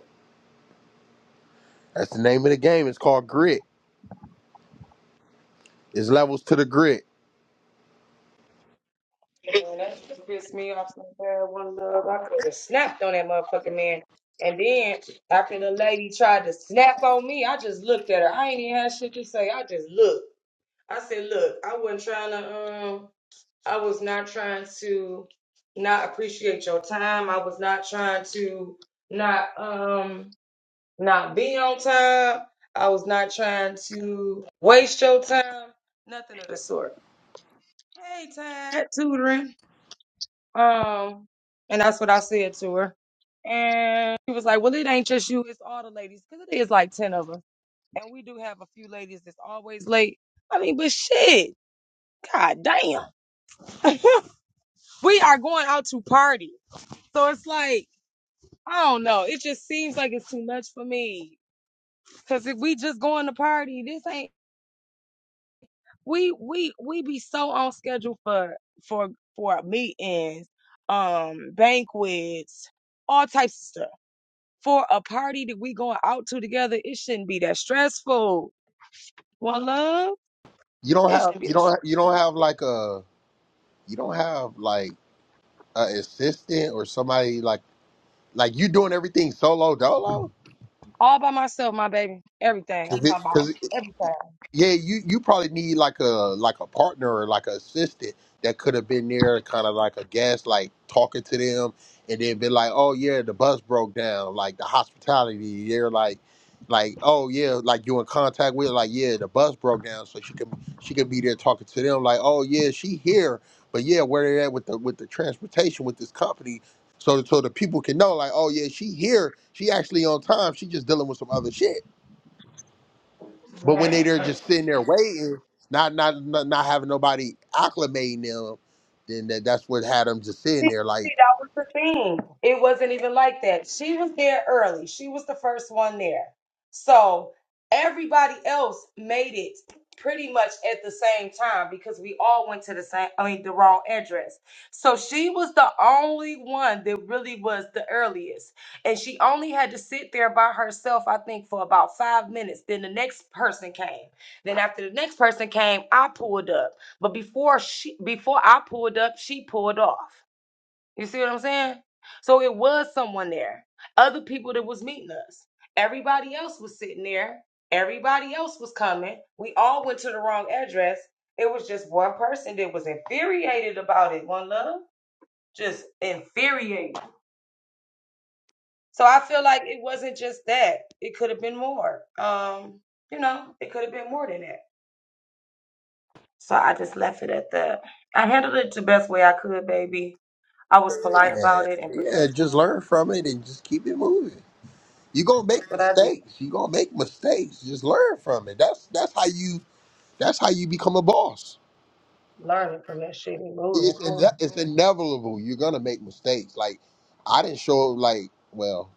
[SPEAKER 2] That's the name of the game. It's called grit. It's levels to the grit.
[SPEAKER 1] Man, that shit pissed me off so bad. One love, I could have snapped on that motherfucking man. And then after the lady tried to snap on me, I just looked at her. I ain't even had shit to say. I just looked. I said, "Look, I wasn't trying to. Um, I was not trying to not appreciate your time. I was not trying to not um not be on time. I was not trying to waste your time. Nothing of the sort." Hey, Tad, tutoring. Um, and that's what I said to her. And she was like, Well, it ain't just you, it's all the ladies. Because it is like 10 of us. And we do have a few ladies that's always late. I mean, but shit, god damn. we are going out to party. So it's like, I don't know. It just seems like it's too much for me. Because if we just going to party, this ain't. we we we be so on schedule for for for meetings, um, banquets, all types of stuff.
[SPEAKER 2] You don't
[SPEAKER 1] It's
[SPEAKER 2] have, you don't, you don't have like a, you don't have like a assistant or somebody like, like you doing everything solo dolo.
[SPEAKER 1] all by myself, my baby. Everything
[SPEAKER 2] Cause
[SPEAKER 1] I'm
[SPEAKER 2] it,
[SPEAKER 1] talking about.
[SPEAKER 2] cause
[SPEAKER 1] everything.
[SPEAKER 2] Yeah, you you probably need like a like a partner or like an assistant that could have been there, kind of like a guest, like talking to them, and then be like, "Oh yeah, the bus broke down." Like the hospitality, they're like, like, "Oh yeah," like you in contact with, like, "Yeah, the bus broke down," so she could be she could be there talking to them, like, "Oh yeah, she here," but yeah, where they at with the with the transportation with this company, so so the people can know, like, "Oh yeah, she here, she actually on time, she just dealing with some other shit." But when they are just sitting there waiting, not not not, not having nobody acclimating them, then that, that's what had them just sitting
[SPEAKER 1] See,
[SPEAKER 2] there like,
[SPEAKER 1] see, that was the thing. It wasn't even like that. She was there early. She was the first one there. So everybody else made it pretty much at the same time because we all went to the same, I mean, the wrong address. So she was the only one that really was the earliest. And she only had to sit there by herself, I think, for about five minutes. Then the next person came. Then after the next person came, I pulled up. But before she before I pulled up, she pulled off. You see what I'm saying? So it was someone there. Other people that was meeting us. Everybody else was sitting there. Everybody else was coming. We all went to the wrong address. It was just one person that was infuriated about it. One love, just infuriated. So I feel like it wasn't just that. It could have been more. Um,
[SPEAKER 2] man, yeah, just learn from it and just keep it moving. You gonna make
[SPEAKER 1] but I be
[SPEAKER 2] mistakes. You gonna make mistakes. Just learn from it. That's that's how you that's how you become a boss.
[SPEAKER 1] learning from that shit and moving
[SPEAKER 2] It's
[SPEAKER 1] forward.
[SPEAKER 2] ine- it's inevitable. You're gonna make mistakes. Like I didn't show up like well,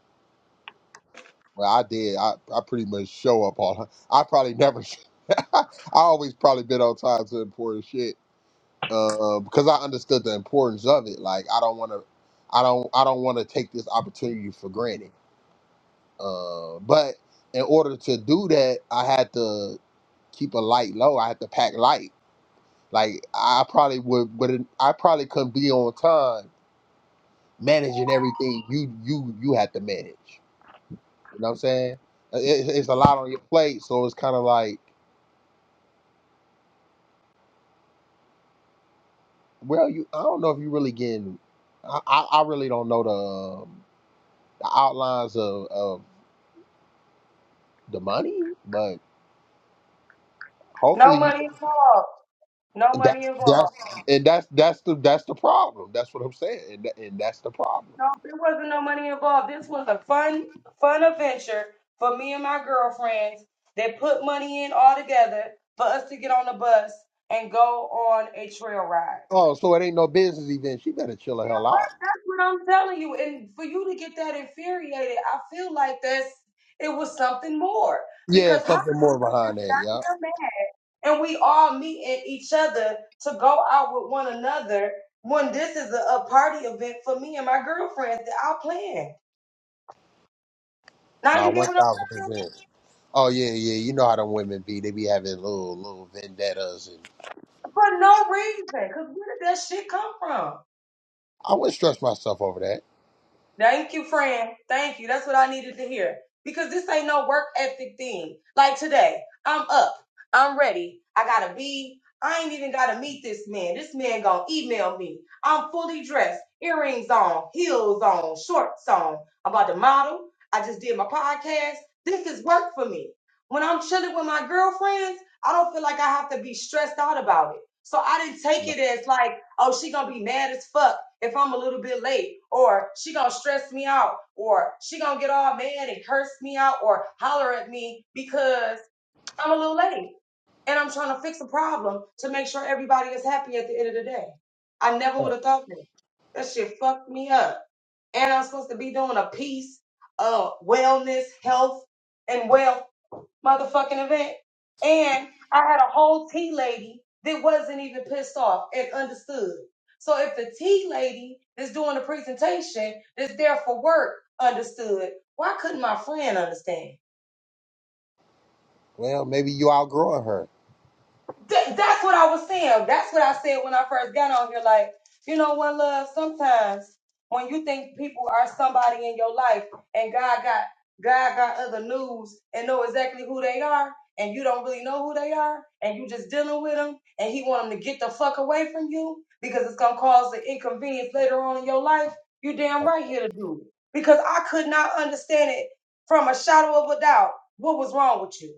[SPEAKER 2] well I did. I, I pretty much show up all. I probably never. I always probably been on time to important shit uh, because I understood the importance of it. Like I don't want to, I don't, I don't want to take this opportunity for granted. Uh, but in order to do that, I had to keep a light low. I had to pack light. Like I probably would, would I probably couldn't be on time managing everything you you you had to manage. You know what I'm saying? Uh, It, it's a lot on your plate, so it's kind of like, well, you I don't know if you really getting. I, I I really don't know the um, the outlines of, of the money, but
[SPEAKER 1] No
[SPEAKER 2] hopefully you,
[SPEAKER 1] money involved. No money
[SPEAKER 2] that's
[SPEAKER 1] involved.
[SPEAKER 2] that's and that's that's the that's the problem. That's what I'm saying, and, tha- and that's the problem.
[SPEAKER 1] No, there wasn't no money involved. This was a fun, fun adventure for me and my girlfriends that put money in all together for us to get on the bus and go on a trail ride.
[SPEAKER 2] Oh, so it ain't no business event. She better chill the hell out.
[SPEAKER 1] That's what I'm telling you. And for you to get that infuriated, I feel like that's it was something more.
[SPEAKER 2] Yeah,
[SPEAKER 1] Because how
[SPEAKER 2] something
[SPEAKER 1] could
[SPEAKER 2] more
[SPEAKER 1] you get
[SPEAKER 2] behind that. Yeah,
[SPEAKER 1] a man and we all meeting each other to go out with one another when this is a, a party event for me and my girlfriends that I planned? Now
[SPEAKER 2] nah,
[SPEAKER 1] you get
[SPEAKER 2] one
[SPEAKER 1] what I'm
[SPEAKER 2] thousand percent. Oh yeah, yeah. You know how them women be? They be having little little vendettas, and
[SPEAKER 1] For no reason. Because where did that shit come from?
[SPEAKER 2] I wouldn't stress myself over that.
[SPEAKER 1] Thank you, friend. Thank you. That's what I needed to hear. Because this ain't no work ethic thing. Like today, I'm up. I'm ready. I gotta be. I ain't even gotta meet this man. This man gonna email me. I'm fully dressed, earrings on, heels on, shorts on. I'm about to model. I just did my podcast. This is work for me. When I'm chilling with my girlfriends, I don't feel like I have to be stressed out about it. So I didn't take
[SPEAKER 2] No.
[SPEAKER 1] it as like, oh, she gonna be mad as fuck if I'm a little bit late, or she gonna stress me out, or she gonna get all mad and curse me out or holler at me because I'm a little late and I'm trying to fix a problem to make sure everybody is happy at the end of the day. I never would have thought that. That shit fucked me up. And I'm supposed to be doing a peace, uh, wellness, health, and welfare motherfucking event. And I had a whole tea lady that wasn't even pissed off and understood. So if the tea lady that's doing the presentation that's there for work understood, why couldn't my friend understand?
[SPEAKER 2] Well, maybe you outgrowing her.
[SPEAKER 1] Th- that's what I was saying. That's what I said when I first got on here. Like, you know what, love? Sometimes when you think people are somebody in your life, and God got God got other news and know exactly who they are, and you don't really know who they are, and you just dealing with them, and He want them to get the fuck away from you because it's gonna cause an inconvenience later on in your life. You damn right here to do it because I could not understand it from a shadow of a doubt what was wrong with you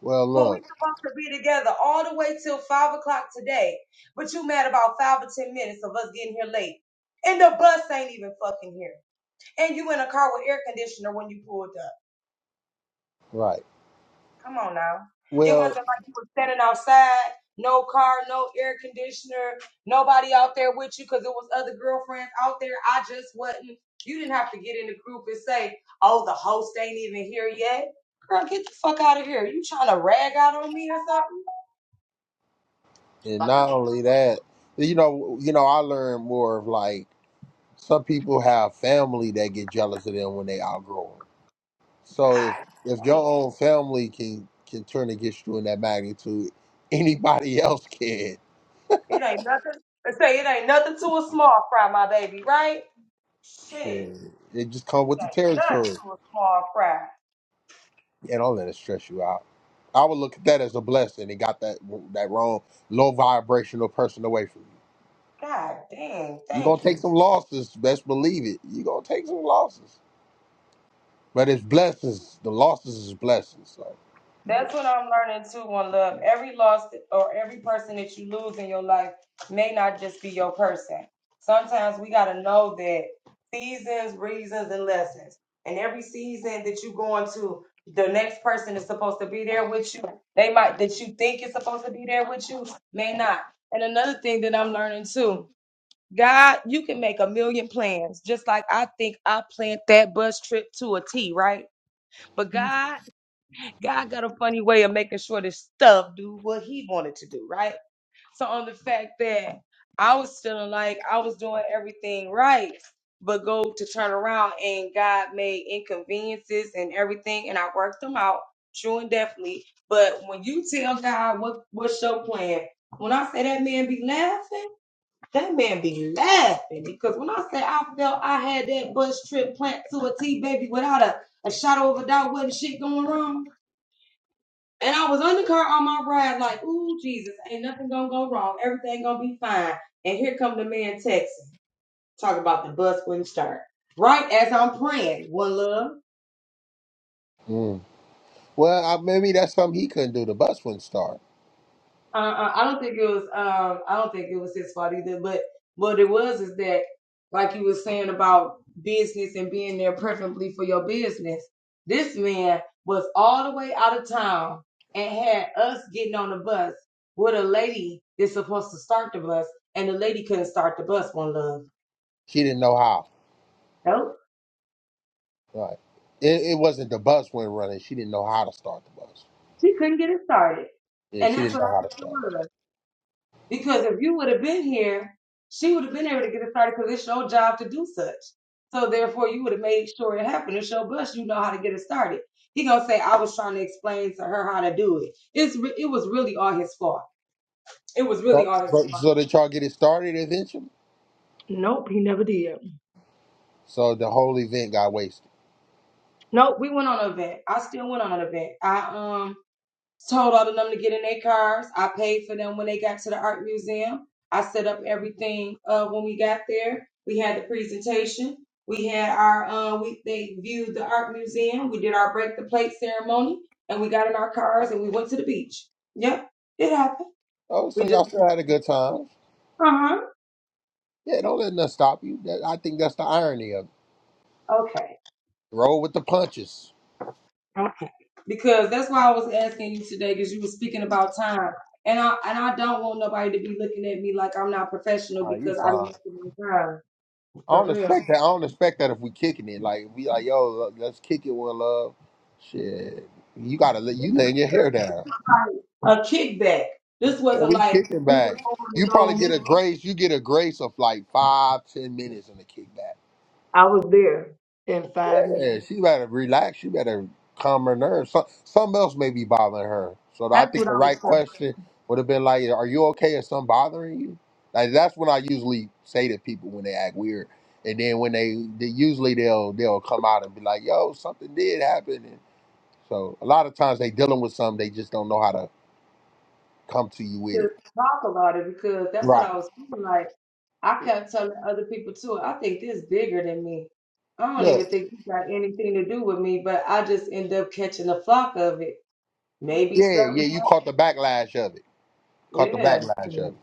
[SPEAKER 2] Well,
[SPEAKER 1] when we
[SPEAKER 2] look,
[SPEAKER 1] supposed to be together all the way till five o'clock today. But you mad about five or ten minutes of us getting here late. And the bus ain't even fucking here. And you in a car with air conditioner when you pulled up.
[SPEAKER 2] right.
[SPEAKER 1] Come on now. It wasn't
[SPEAKER 2] Well,
[SPEAKER 1] like you were standing outside, no car, no air conditioner, nobody out there with you because it was other girlfriends out there. I just wasn't. You didn't have to get in the group and say, oh, the host ain't even here yet. Girl, get the fuck out of here. You trying to rag out on me or something?
[SPEAKER 2] and
[SPEAKER 1] Fuck a
[SPEAKER 2] not only that, you know, you know, I learned more of like. Some people have family that get jealous of them when they outgrow them. So
[SPEAKER 1] God.
[SPEAKER 2] if if your own family can can turn against you in that magnitude, anybody else can.
[SPEAKER 1] Right there.
[SPEAKER 2] Shit, it just come with the territory. Yeah, don't let it stress you out. I would look at that as a blessing and got that that wrong low vibrational person away from you.
[SPEAKER 1] God dang.
[SPEAKER 2] You're gonna
[SPEAKER 1] Thank
[SPEAKER 2] take
[SPEAKER 1] you.
[SPEAKER 2] some losses, best believe it. You're gonna take some losses. But it's blessings. The losses is blessings. So
[SPEAKER 1] That's what I'm learning too, one love. Every loss or every person that you lose in your life may not just be your person. Sometimes we got to know that seasons, reasons, and lessons. And every season that you go into, the next person is supposed to be there with you. They might, that you think is supposed to be there with you, may not. And another thing that I'm learning too, God, you can make a million plans, just like I think I planned that bus trip to a T, right? But God, God got a funny way of making sure this stuff do what He wanted to do, right? So on the fact that I was feeling like I was doing everything right, but go to turn around and God made inconveniences and everything, and I worked them out, true and definitely. But when you tell God what what's your plan, when I say that man be laughing. That man be laughing because when I say I felt I had that bus trip plant to a T baby without a, a shadow of a doubt wasn't shit going wrong. And I was on the car on my ride like, ooh, Jesus, ain't nothing gonna go wrong. Everything gonna be fine. And here come the man texting, talking about the bus wouldn't start. Right as I'm praying, one love.
[SPEAKER 2] mm. well, I, maybe that's something he couldn't do. The bus wouldn't start.
[SPEAKER 1] Uh, uh, I don't think it was. Um, I don't think it was his fault either. But what it was is that, like you were saying about business and being there preferably for your business. This man was all the way out of town and had us getting on the bus with a lady that's supposed to start the bus, and the lady couldn't start the bus. One love,
[SPEAKER 2] She didn't know how.
[SPEAKER 1] nope,
[SPEAKER 2] Right. It, it wasn't the bus went running. She didn't know how to start the bus.
[SPEAKER 1] she couldn't get it started,
[SPEAKER 2] Yeah,
[SPEAKER 1] and
[SPEAKER 2] she
[SPEAKER 1] that's
[SPEAKER 2] didn't
[SPEAKER 1] what I
[SPEAKER 2] know how to
[SPEAKER 1] think
[SPEAKER 2] start.
[SPEAKER 1] it was. Because if you would have been here, she would have been able to get it started because it's your job to do such. So therefore, you would have made sure it happened. It's your bus. You know how to get it started. He gonna say, "I was trying to explain to her how to do it." It's re- it was really all his fault. It was really
[SPEAKER 2] So,
[SPEAKER 1] all his
[SPEAKER 2] but,
[SPEAKER 1] fault.
[SPEAKER 2] so did y'all get it started eventually?
[SPEAKER 1] Nope, he never did.
[SPEAKER 2] So the whole event got wasted.
[SPEAKER 1] Nope, we went on an event. I still went on an event. I um told all of them to get in their cars. I paid for them when they got to the art museum. I set up everything uh, when we got there. We had the presentation. We had our uh, we they viewed the art museum. We did our break the plate ceremony, and we got in our cars and we went to the beach. Yep, it happened.
[SPEAKER 2] Oh,
[SPEAKER 1] We
[SPEAKER 2] so
[SPEAKER 1] just
[SPEAKER 2] y'all still had a good time?
[SPEAKER 1] uh huh
[SPEAKER 2] Yeah, don't let nothing stop you. That, I think that's the irony of it.
[SPEAKER 1] okay
[SPEAKER 2] Roll with the punches.
[SPEAKER 1] because that's why I was asking you today because you were speaking about time. And I and I don't want nobody to be looking at me like I'm not professional
[SPEAKER 2] All right, you
[SPEAKER 1] because I didn't
[SPEAKER 2] fine.
[SPEAKER 1] make it on time.
[SPEAKER 2] I
[SPEAKER 1] For
[SPEAKER 2] don't
[SPEAKER 1] real.
[SPEAKER 2] expect that. I don't expect that if we kicking it. Like we like, yo, look, let's kick it with love. Shit, you gotta let you laying your hair down.
[SPEAKER 1] a kickback. This
[SPEAKER 2] Yeah,
[SPEAKER 1] wasn't
[SPEAKER 2] we
[SPEAKER 1] like
[SPEAKER 2] kicking
[SPEAKER 1] we were
[SPEAKER 2] back.
[SPEAKER 1] going
[SPEAKER 2] You
[SPEAKER 1] to
[SPEAKER 2] probably
[SPEAKER 1] go
[SPEAKER 2] get
[SPEAKER 1] meet.
[SPEAKER 2] a grace. You get a grace of like five, ten minutes in the kickback.
[SPEAKER 1] I was in five
[SPEAKER 2] Yeah,
[SPEAKER 1] minutes
[SPEAKER 2] she better relax. She better calm her nerves. Some, something else may be bothering her. So I think the right question would have been like, "Are you okay? Is something bothering you?" Like that's what I usually say to people when they act weird. And then when they, they usually they'll they'll come out and be like, "Yo, something did happen." And so a lot of times they dealing with something they just don't know how to come to you with it.
[SPEAKER 1] to talk about it because that's what I
[SPEAKER 2] Right.
[SPEAKER 1] was feeling like. I kept telling other people too. I think this bigger than me. I don't
[SPEAKER 2] Look.
[SPEAKER 1] even think you got anything to do with me, but I just end up catching the flock of it. Maybe
[SPEAKER 2] Yeah,
[SPEAKER 1] something.
[SPEAKER 2] yeah, you caught the backlash of it. Caught the
[SPEAKER 1] happened.
[SPEAKER 2] backlash
[SPEAKER 1] Yeah.
[SPEAKER 2] of it.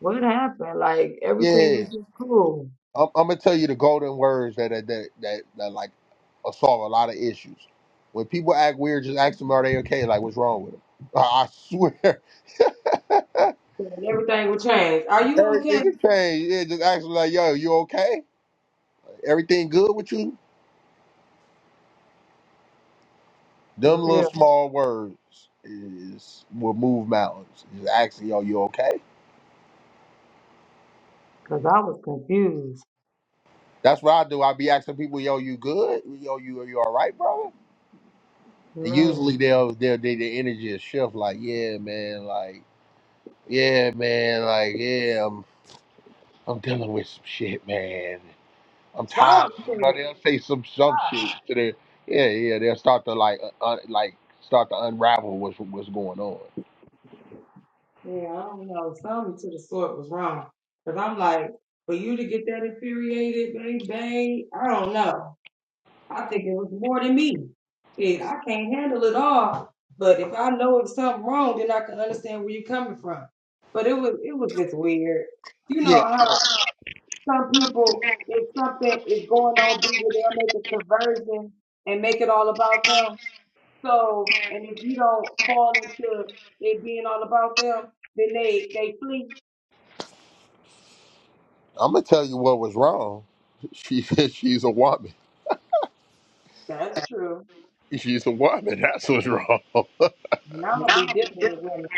[SPEAKER 1] What happened? Like everything
[SPEAKER 2] Yeah,
[SPEAKER 1] was just cool.
[SPEAKER 2] I'm, I'm gonna tell you the golden words that that that, that, that like uh, solve a lot of issues. When people act weird, just ask them are they okay? Like what's wrong with them? I I swear,
[SPEAKER 1] And everything would change. Are you okay?
[SPEAKER 2] everything has changed. Yeah, just ask them like, yo, you okay? Everything good with you? Them
[SPEAKER 1] For
[SPEAKER 2] little
[SPEAKER 1] real,
[SPEAKER 2] small words is will move mountains. Just asking, yo, you okay?
[SPEAKER 1] because I was confused.
[SPEAKER 2] That's what I do. I be asking people, yo, you good? Yo, you are you all right, brother? And usually
[SPEAKER 1] Man.
[SPEAKER 2] they'll they'll they, their energy is shift like, yeah, man, like, yeah, man, like, yeah, I'm I'm dealing with some shit, man. I'm tired.
[SPEAKER 1] Some.
[SPEAKER 2] You know, they'll say some some shit to their yeah, yeah. They'll start to like uh, uh, like start to unravel what's what's going on.
[SPEAKER 1] Yeah, I don't know. Something to the sort was wrong. Cause I'm like, for you to get that infuriated, babe, babe, I don't know. I think it was more than me. Shit, I can't handle it all. But if I know it's something wrong, then I can understand where you're coming from. But it was it was just weird. You know
[SPEAKER 2] Yeah,
[SPEAKER 1] how some people, if something is going on bigger, they'll make a conversion and make it all about them. So, and if you don't fall into it being all about them, then they they flee
[SPEAKER 2] I'm gonna tell you what was wrong. She said she's a woman.
[SPEAKER 1] That's true.
[SPEAKER 2] She's a woman. That's what's wrong.
[SPEAKER 1] And I don't be dealing with women.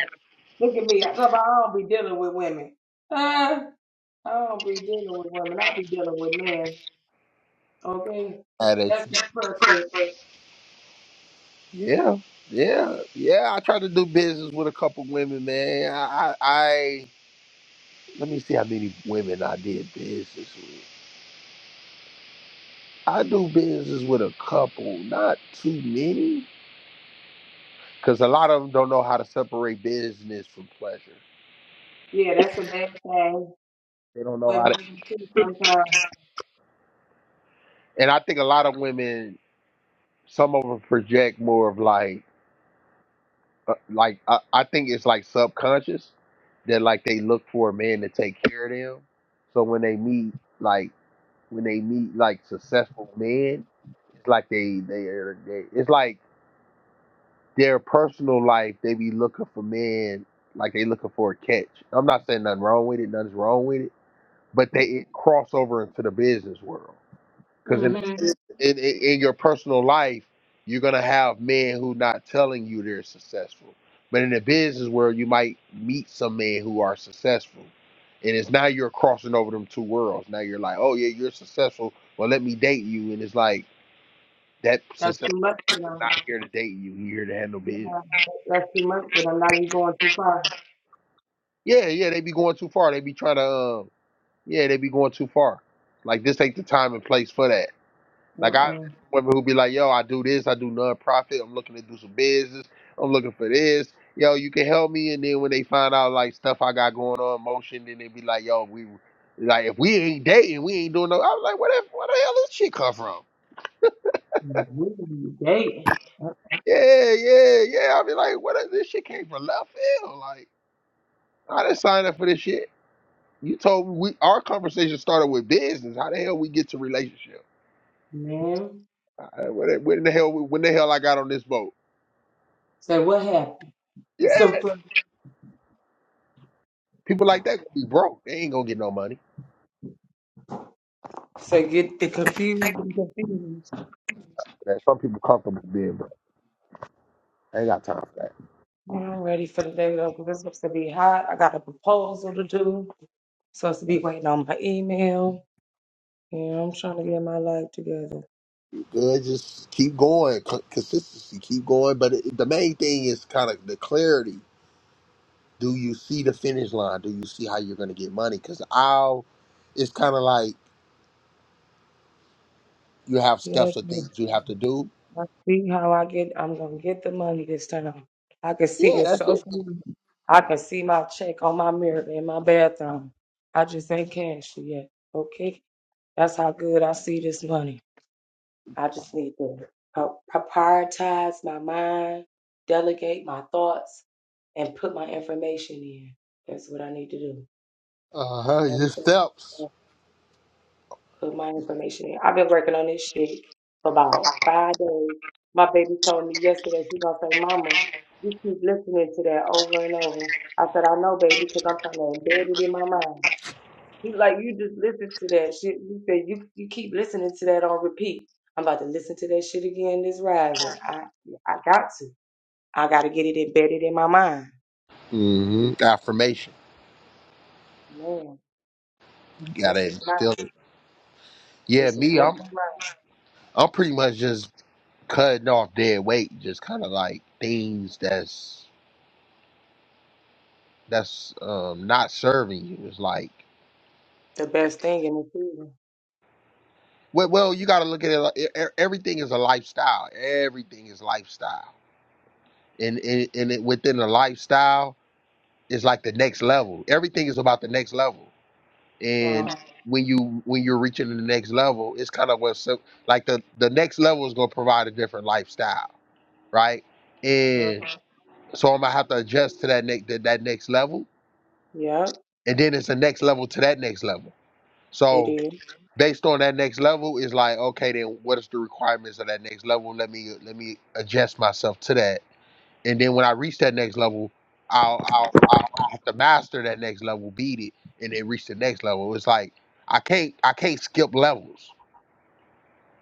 [SPEAKER 1] Look at me. I, I don't be dealing with women. Huh? I don't be dealing with women. I be dealing with men. Okay?
[SPEAKER 2] Mad at
[SPEAKER 1] That's
[SPEAKER 2] you.
[SPEAKER 1] my preference.
[SPEAKER 2] Yeah, yeah, yeah. I tried to do business with a couple women, man. I I. Let me see how many women I did business with. I do business with a couple, not too many, because a lot of them don't know how to separate business from pleasure.
[SPEAKER 1] Yeah, that's a bad thing.
[SPEAKER 2] They don't know
[SPEAKER 1] With
[SPEAKER 2] how to,
[SPEAKER 1] men too sometimes.
[SPEAKER 2] and I think a lot of women, some of them project more of like, uh, like I, I think it's like subconscious that like they look for a man to take care of them. So when they meet, like when they meet like successful men, it's like they they are they. It's like their personal life, they be looking for men like they looking for a catch. I'm not saying nothing wrong with it, nothing's wrong with it, but they it cross over into the business world. Because in,
[SPEAKER 1] Mhm.
[SPEAKER 2] in in in your personal life, you're gonna have men who not telling you they're successful, but in the business world, you might meet some men who are successful, and it's now you're crossing over them two worlds. Now you're like, oh yeah, you're successful. Well, let me date you, and it's like that
[SPEAKER 1] That's
[SPEAKER 2] successful
[SPEAKER 1] too much.
[SPEAKER 2] is not here to date you. He here to handle business.
[SPEAKER 1] That's too much, but I'm not even going too far.
[SPEAKER 2] Yeah, yeah, they be going too far. They be trying to, um, yeah, they be going too far. Like this ain't the time and place for that. Like I
[SPEAKER 1] Uh-uh.
[SPEAKER 2] women who be like, yo, I do this, I do nonprofit. I'm looking to do some business. I'm looking for this. Yo, you can help me. And then when they find out like stuff I got going on, motion, then they be like, yo, we like if we ain't dating, we ain't doing no. I was like, where the, where the hell this shit come from? Yeah, yeah, yeah. I be like, where does this shit came from? Left field. Like I didn't sign up for this shit. You told me we our conversation started with business. How the hell we get to relationship? Uh, When when the hell when the hell I got on this boat?
[SPEAKER 1] Say, what happened?
[SPEAKER 2] Yeah,
[SPEAKER 1] It's so fun.
[SPEAKER 2] people like that gonna be broke. They ain't gonna get no money.
[SPEAKER 1] So get the confused and confused. So,
[SPEAKER 2] Man, some people comfortable being broke. I ain't got time for that.
[SPEAKER 1] That's what I'm supposed to be waiting on my email. Yeah, I'm trying to get my life together.
[SPEAKER 2] Good, just keep going. Con- Consistency, keep going. But it, the main thing is kind of the clarity. Do you see the finish line? Do you see how you're going to get money? Because I'll, it's kind of like you have steps of
[SPEAKER 1] Yes,
[SPEAKER 2] things you have to do.
[SPEAKER 1] I see how I get. I'm gonna get the money this time. I can see
[SPEAKER 2] Yeah,
[SPEAKER 1] it
[SPEAKER 2] that's it.
[SPEAKER 1] social. I can see my check on my mirror in my bathroom. I just ain't cashed it yet. Okay, that's how good I see this money. I just need to pro- prioritize my mind, delegate my thoughts, and put my information in. That's what I need to do.
[SPEAKER 2] Uh huh.
[SPEAKER 1] That
[SPEAKER 2] Your
[SPEAKER 1] was
[SPEAKER 2] steps.
[SPEAKER 1] it. put my information in. I've been working on this shit for about five days. My baby told me yesterday, she gonna say, Mama, you keep listening to that over and over. I said, I know, baby, because I'm trying to embed it in my mind. He's like, you just listen to that shit. He said, you, you keep listening to that on repeat. I'm about to listen to that shit again this rising. I I got to. I got to get it embedded in my mind.
[SPEAKER 2] hmm Affirmation.
[SPEAKER 1] Man,
[SPEAKER 2] Got
[SPEAKER 1] this
[SPEAKER 2] to
[SPEAKER 1] is mine.
[SPEAKER 2] instill it. Yeah,
[SPEAKER 1] This is
[SPEAKER 2] me,
[SPEAKER 1] definitely
[SPEAKER 2] I'm
[SPEAKER 1] mine.
[SPEAKER 2] I'm pretty much just cutting off dead weight, just kind of like things that's that's um not serving you. It's like,
[SPEAKER 1] The best thing in the season.
[SPEAKER 2] well, well, you got to look at it. Like, e- e- everything is a lifestyle. Everything is lifestyle, and and, and it, within the lifestyle is like the next level. Everything is about the next level, and
[SPEAKER 1] Uh-huh.
[SPEAKER 2] when you when you're reaching the next level, it's kind of what like the the next level is going to provide a different lifestyle right?
[SPEAKER 1] uh-huh.
[SPEAKER 2] And so I'm gonna have to adjust to that next that, that next level,
[SPEAKER 1] Yep,
[SPEAKER 2] and then it's the next level to that next level.
[SPEAKER 1] it
[SPEAKER 2] So
[SPEAKER 1] is.
[SPEAKER 2] based on that next level, it's like okay, then what is the requirements of that next level? Let me let me adjust myself to that, and then when I reach that next level, I'll I'll, I'll I have to master that next level, beat it, and then reach the next level. It's like I can't I can't skip levels.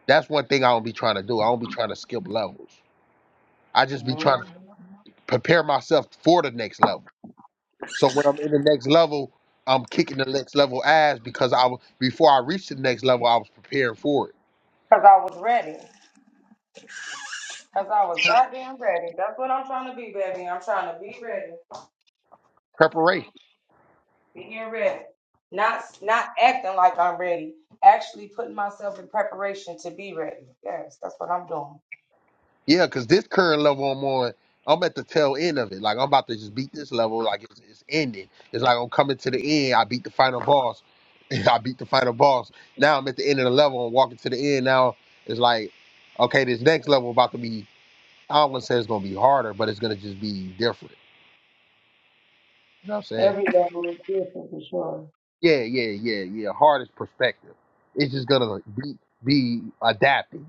[SPEAKER 2] That's one thing I don't be trying to do. I don't be trying to skip levels. I just be
[SPEAKER 1] Mm-hmm.
[SPEAKER 2] trying to prepare myself for the next level So when I'm in the next level, I'm kicking the next level ass because I was before I reached the next level, I was preparing for it.
[SPEAKER 1] Cause I was ready. Cause I was God trying to be ready. I'm trying to be ready.
[SPEAKER 2] Preparation.
[SPEAKER 1] Being ready. Not not acting like I'm yes, that's all.
[SPEAKER 2] Yeah, because this current level I'm on, I'm at the tail end of it. Like I'm about to just beat this level, like it's, it's ending. It's like I'm coming to the end. I beat the final boss. I beat the final boss. Now I'm at the end of the level. I'm walking to the end. Now it's like, okay, this next level about to be. I don't want to say it's gonna be harder, but it's gonna just be different. You know what I'm saying?
[SPEAKER 1] Every level is different for sure.
[SPEAKER 2] Yeah, yeah, yeah, yeah. Hardest perspective. It's just gonna be be adapting,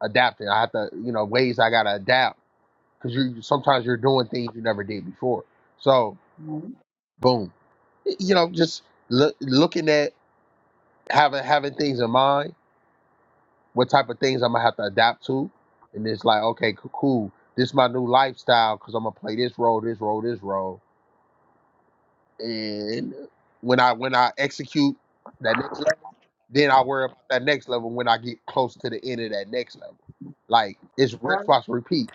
[SPEAKER 2] adapting. I have to, you know, ways I gotta adapt because you sometimes you're doing things you never did before. So
[SPEAKER 1] Mhm.
[SPEAKER 2] boom, you know, just look, looking at having having things in mind, what type of things I'm gonna have to adapt to, and it's like, okay, c- cool. This is my new lifestyle because I'm gonna play this role, this role, this role, and when I when I execute that next Then I worry about that next level when I get close to the end of that next level. Like it's wristwatch repeat.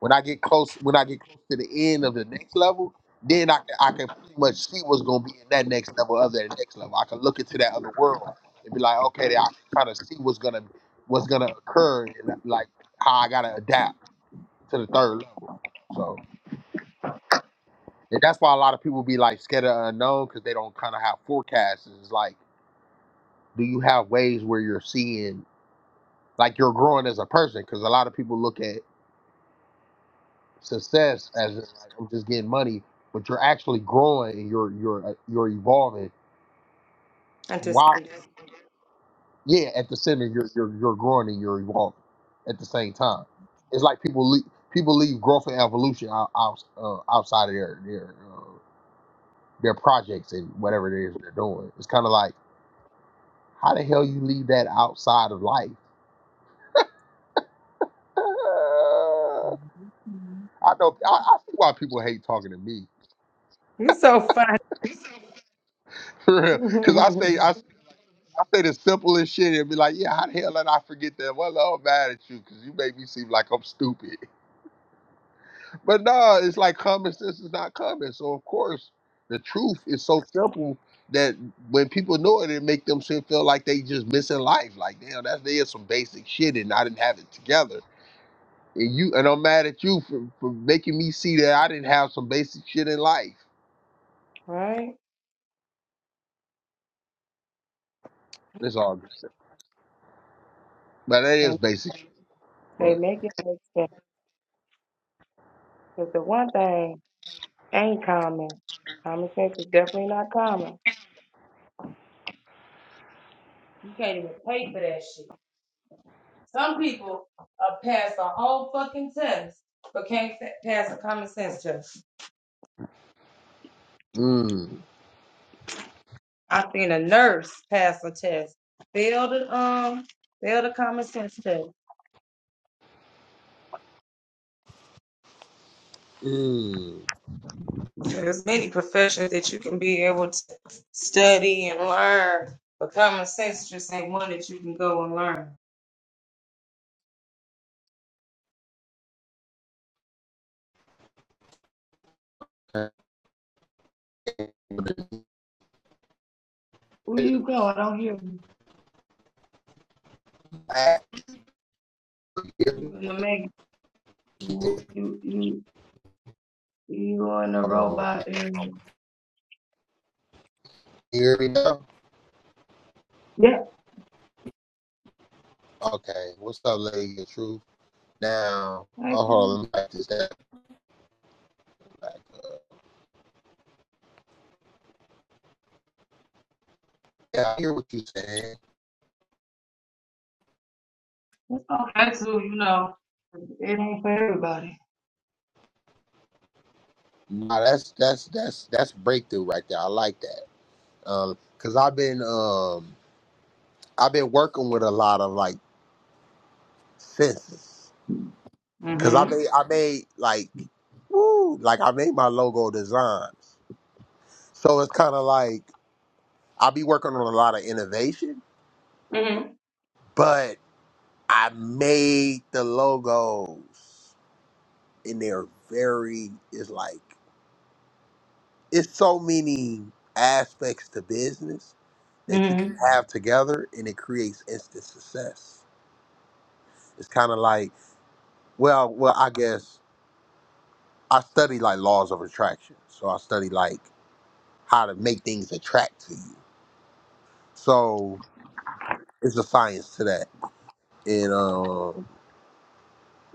[SPEAKER 2] When I get close, when I get close to the end of the next level, then I can I can pretty much see what's gonna be in that next level of that next level. I can look into that other world and be like, okay, I can kind of see what's gonna what's gonna occur and like how I gotta adapt to the third level. So and that's why a lot of people be like scared of unknown because they don't kind of have forecasts. It's like, do you have ways where you're seeing? like you're growing as a person because a lot of people look at success as just like I'm just getting money, but you're actually growing and you're you're uh, you're evolving.
[SPEAKER 1] And to
[SPEAKER 2] While
[SPEAKER 1] some
[SPEAKER 2] yeah, at the center you're you're you're growing and you're evolving at the same time. It's like people leave people leave growth and evolution out, out uh, outside of their their uh, their projects and whatever it is they're doing. It's kind of like how the hell you leave that outside of life. Uh,
[SPEAKER 1] Mhm. Mhm.
[SPEAKER 2] I know I, I see why people hate talking to me
[SPEAKER 1] You're so funny.
[SPEAKER 2] For real. Cause I say I, I say the simplest shit and be like, yeah, how the hell did I forget that? Well, I'm mad at you because you make me seem like I'm stupid. But no, it's like common sense is not common. So of course, the truth is so simple that when people know it, it make them feel feel like they just missing life. Like damn, that's there's some basic shit and I didn't have it together. And you and I'm mad at you for, for making me see that I didn't have some basic shit in life.
[SPEAKER 1] right?
[SPEAKER 2] It's all good. But that is
[SPEAKER 1] And
[SPEAKER 2] basic. shit,
[SPEAKER 1] they
[SPEAKER 2] But
[SPEAKER 1] make it make sense. Because the one thing ain't common. Common sense is definitely not common. You can't even pay for that shit. Some people uh, pass a whole fucking test, but can't fa- pass a common sense test.
[SPEAKER 2] mm,
[SPEAKER 1] I've seen a nurse pass a test, fail the um, fail the common sense test.
[SPEAKER 2] mm.
[SPEAKER 1] There's many professions that you can be able to study and learn, but common sense just ain't one that you can go and learn.
[SPEAKER 2] Hold
[SPEAKER 1] Where you go? I don't hear you. You in the make? You you you you in the
[SPEAKER 2] on.
[SPEAKER 1] robot area.
[SPEAKER 2] You Hear me now?
[SPEAKER 1] Yeah.
[SPEAKER 2] Okay. What's up, Lady of Truth? Now, oh, hold on. Let me back this down. Like, Yeah, I hear what you're saying. Nah, that's that's that's that's breakthrough right there. I like that. Um, cause I've been um I've been working with a lot of like senses. Cause I
[SPEAKER 1] Mhm.
[SPEAKER 2] made I made like woo like I made my logo designs. So it's kind of like I'll be working on a lot of innovation,
[SPEAKER 1] Mhm.
[SPEAKER 2] but. I made the logos, and they're very. It's like it's so many aspects to business that you can
[SPEAKER 1] Mhm.
[SPEAKER 2] Mhm. have together, and it creates instant success. It's kind of like, well, well, I guess I study like laws of attraction, so I study like how to make things attract to you. So it's a science to that, and um,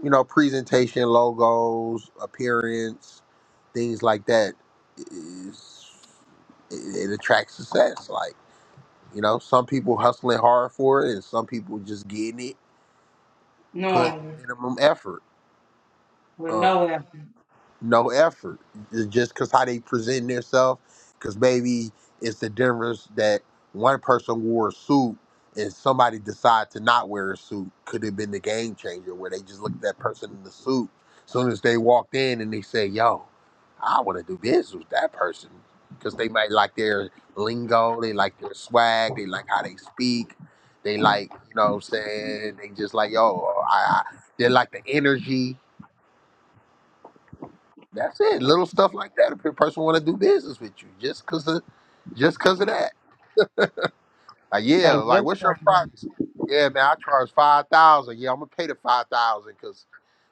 [SPEAKER 2] you know, presentation, logos, appearance, things like that is it, it attracts success. Like, you know, some people hustling hard for it and some people just getting it, putting
[SPEAKER 1] Normally,
[SPEAKER 2] minimum effort.
[SPEAKER 1] with
[SPEAKER 2] Um
[SPEAKER 1] no help.
[SPEAKER 2] no effort It's just because how they present themselves because maybe it's the difference that one person wore a suit and somebody decided to not wear a suit could have been the game changer where they just looked at that person in the suit soon as they walked in and they say yo i want to do business with that person because they might like their lingo they like their swag they like how they speak they like you know what i'm saying they just like yo i, I they like the energy that's it. Little stuff like that. If a person want to do business with you, just cause of, just cause of that. Like, yeah,
[SPEAKER 1] Okay,
[SPEAKER 2] like
[SPEAKER 1] just
[SPEAKER 2] what's
[SPEAKER 1] for a
[SPEAKER 2] your
[SPEAKER 1] minute.
[SPEAKER 2] price? Yeah, man, I charge five thousand. Yeah, I'm gonna pay the five thousand because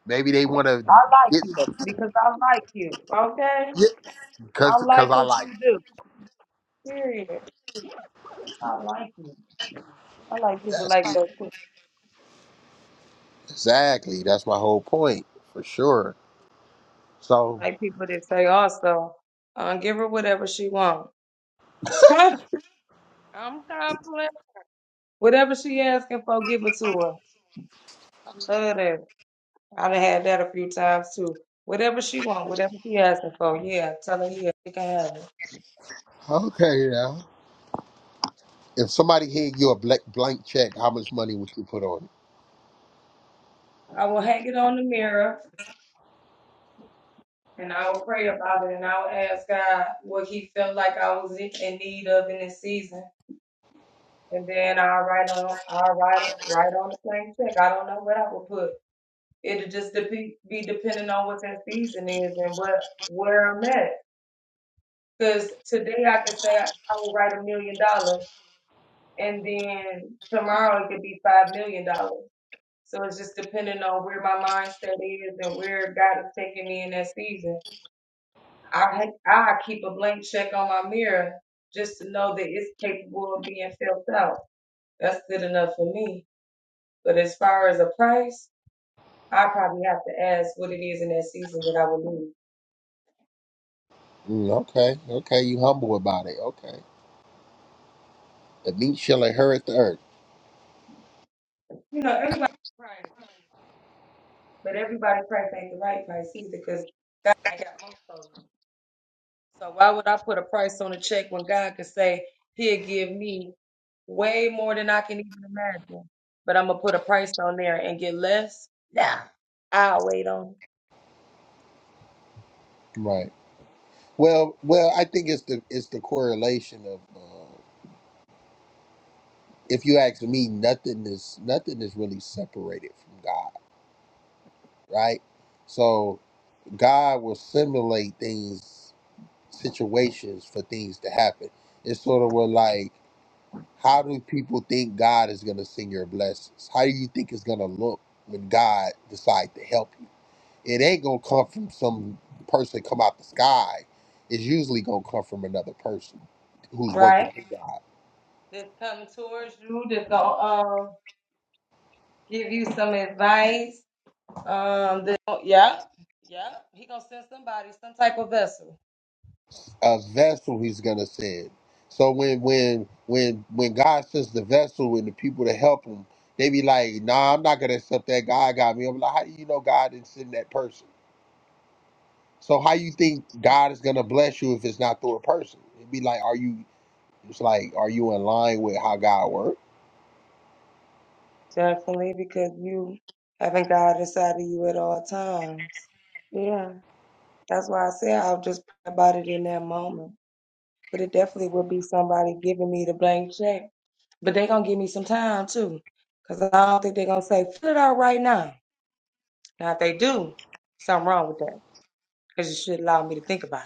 [SPEAKER 2] maybe they want to
[SPEAKER 1] I like
[SPEAKER 2] get
[SPEAKER 1] you
[SPEAKER 2] something.
[SPEAKER 1] because I like you. Okay,
[SPEAKER 2] Yeah, cause
[SPEAKER 1] I
[SPEAKER 2] cause
[SPEAKER 1] like
[SPEAKER 2] I
[SPEAKER 1] what
[SPEAKER 2] like.
[SPEAKER 1] you
[SPEAKER 2] It.
[SPEAKER 1] do. Period. I like you. I like people
[SPEAKER 2] That's
[SPEAKER 1] like
[SPEAKER 2] it.
[SPEAKER 1] that too.
[SPEAKER 2] exactly. That's my whole point for sure. So
[SPEAKER 1] I like people that say also, uh, give her whatever she wants. I'm confident. Whatever she asking for, give it to her. I love that. I done had that a few times too. Whatever she want, whatever she asking for, yeah, tell her yeah, she can have it.
[SPEAKER 2] okay, now if somebody gave you a blank blank check, how much money would you put on
[SPEAKER 1] And I'll pray about it and I'll ask God what he felt like I was in in need of in this season. And then I'll write on I'll write write on the same check. I don't know what I would put. It'll just dep- be depending on what that season is and what where I'm at. Because today I could say I, I will write a million dollars and then tomorrow it could be five million dollars. So it's just depending on where my mindset is and where God is taking me in that season. I ha- I keep a blank check on my mirror just to know that it's capable of being filled out. That's good enough for me. But as far as a price, I probably have to ask what it is in that season that I would need.
[SPEAKER 2] it? Mm, okay, okay, you humble about it. Okay, the meat shall inherit the earth.
[SPEAKER 1] You know, everybody's price, but everybody's price ain't the right price either because God ain't got most of them. So why would I put a price on a check when God could say He'll give me way more than I can even imagine? But I'm gonna put a price on there and get less. Nah, I'll wait on.
[SPEAKER 2] Right. Well, well, I think it's the it's the correlation of uh, if you ask me, nothing is nothing is really separated from God, right? So God will simulate things, situations for things to happen. It's sort of what like, how do people think God is going to send your blessings? How do you think it's going to look when God decide to help you? It ain't gonna come from some person come out the sky. It's usually gonna come from another person
[SPEAKER 1] it.
[SPEAKER 2] who's
[SPEAKER 1] Right.
[SPEAKER 2] working through God.
[SPEAKER 1] that's come towards you that's gonna um give you some advice. Um, that, oh, yeah, yeah, he gonna send somebody some type of vessel.
[SPEAKER 2] a vessel he's gonna send. So when when when when God sends the vessel and the people to help him, they be like, nah, I'm not gonna accept that. God got me. I'm like, how do you know God didn't send that person? So how you think God is gonna bless you if it's not through a person? It'd be like, are you it's like, are you in line with how God works?
[SPEAKER 1] Definitely, because you having God inside of you at all times. Yeah, that's why I say I'll just pray about it in that moment. But it definitely will be somebody giving me the blank check. But they gonna give me some time too, cause I don't think they're gonna say fill it out right now. Now if they do, something wrong with that, cause you should allow me to think about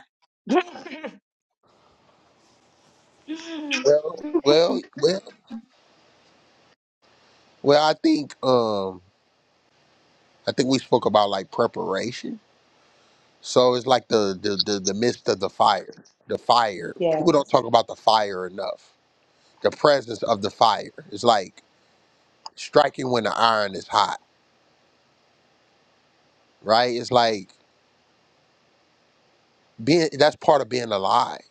[SPEAKER 1] it.
[SPEAKER 2] Well
[SPEAKER 1] Yes.
[SPEAKER 2] well well well I think um I think we spoke about like preparation. So it's like the the the, the midst of the fire. The fire. People don't talk about the fire enough the presence of the fire. It's like striking when the iron is hot, right? It's like being that's part of being alive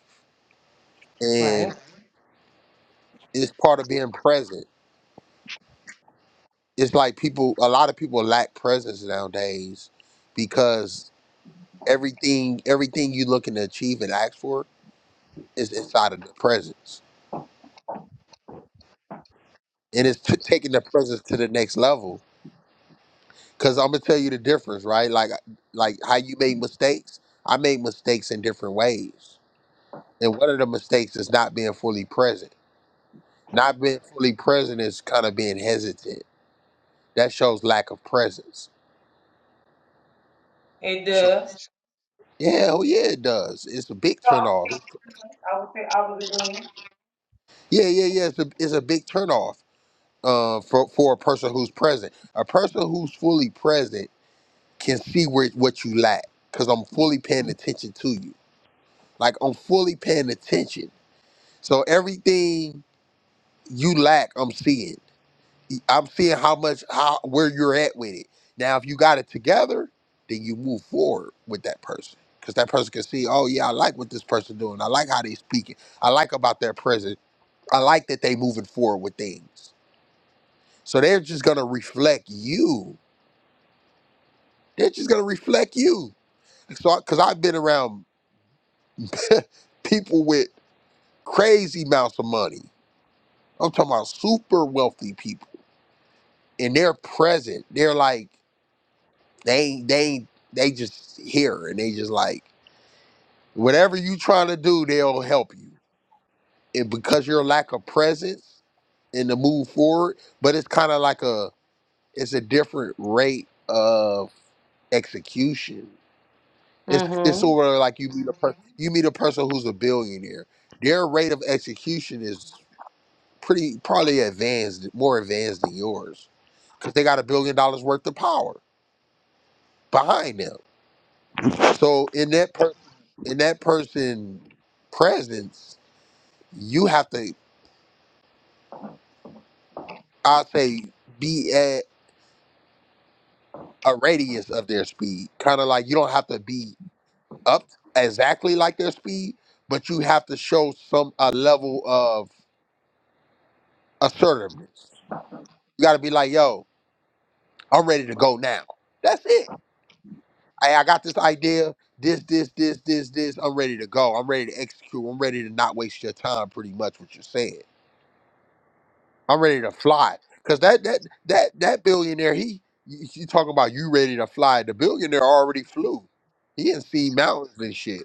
[SPEAKER 2] and
[SPEAKER 1] Right.
[SPEAKER 2] it's part of being present. It's like people a lot of people lack presence nowadays because everything everything you looking to achieve and ask for is inside of the presence. And it's t- taking the presence to the next level cuz I'm going to tell you the difference, right? Like like how you made mistakes. I made mistakes in different ways And one of the mistakes is not being fully present. Not being fully present is kind of being hesitant. That shows lack of presence.
[SPEAKER 1] It
[SPEAKER 2] Sure.
[SPEAKER 1] does.
[SPEAKER 2] Yeah, oh yeah, it does. It's a big
[SPEAKER 1] So I'm
[SPEAKER 2] turnoff.
[SPEAKER 1] saying, I would say I was a girl.
[SPEAKER 2] Yeah, yeah, yeah. It's a, it's a big turnoff uh, for for a person who's present. A person who's fully present can see where what you lack because I'm fully paying attention to you. Like I'm fully paying attention. So everything you lack, I'm seeing. I'm seeing how much how where you're at with it. Now, if you got it together, then you move forward with that person because that person can see, oh yeah, I like what this person doing. I like how they speaking. I like about their present. I like that they moving forward with things. So they're just gonna reflect you. They're just gonna reflect you. So because I've been around people with crazy amounts of money. I'm talking about super wealthy people, and they're present. They're like They they they just here and they just like whatever you trying to do, they'll help you. And because your lack of presence in the move forward, but it's kind of like a it's a different rate of execution. It's it's
[SPEAKER 1] Mm-hmm.
[SPEAKER 2] sort of like you meet a person you meet a person who's a billionaire. Their rate of execution is pretty probably advanced, more advanced than yours, because they got a billion dollars worth of power behind them. So in that per- in that person presence, you have to, I say, be at a radius of their speed. Kind of like you don't have to be up exactly like their speed, but you have to show some a level of assertiveness. You got to be like, "Yo, I'm ready to go now." That's it. I, I got this idea. This, this, this, this, this. I'm ready to go. I'm ready to execute. I'm ready to not waste your time. Pretty much what you're saying I'm ready to fly. Cause that that that that billionaire, he you you talking about you ready to fly. The billionaire already flew. He didn't see mountains and shit.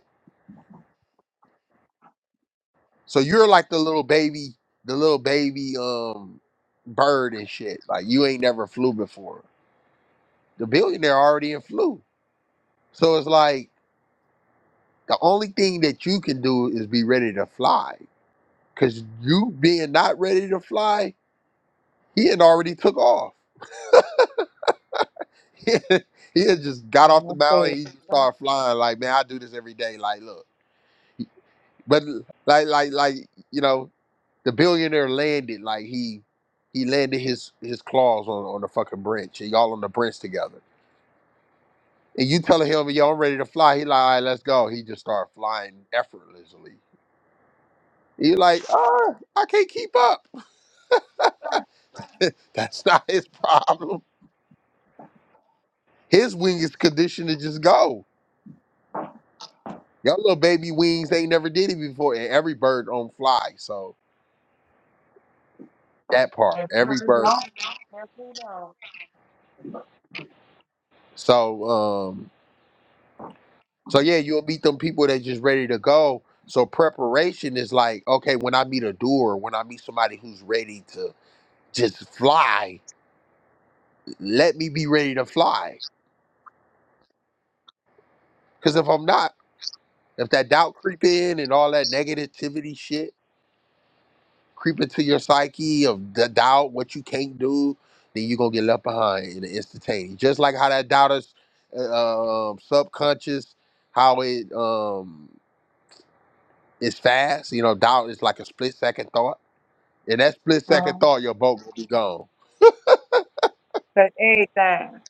[SPEAKER 2] So you're like the little baby, the little baby um bird and shit. Like you ain't never flew before. The billionaire already in flew. So it's like the only thing that you can do is be ready to fly. Cause you being not ready to fly, he had already took off. he had just got off the
[SPEAKER 1] Okay.
[SPEAKER 2] mountain. He just started flying. Like, man, I do this every day. Like, look, but like, like, like, you know, the billionaire landed. Like, he he landed his his claws on on the fucking branch. And y'all on the branch together. And you telling him, yo, I'm ready to fly. He like, all right, let's go. He just started flying effortlessly. He like, ah, I can't keep up. That's not his problem. His wing is conditioned to just go. Y'all little baby wings ain't never did it before, and every bird don't fly. So That part, every
[SPEAKER 1] Everybody
[SPEAKER 2] bird.
[SPEAKER 1] don't. Everybody don't.
[SPEAKER 2] So, um, so yeah, you'll meet them people that just ready to go. So preparation is like, okay, when I meet a doer, when I meet somebody who's ready to just fly, let me be ready to fly. Because if I'm not, if that doubt creep in and all that negativity shit creep into your psyche of the doubt, what you can't do, then you're gonna get left behind in the instantaneous. Just like how that doubt is uh, um, subconscious, how it um It's fast, you know, doubt is like a split second thought. In that split second
[SPEAKER 1] Uh-huh.
[SPEAKER 2] thought, your boat will be gone.
[SPEAKER 1] But everything.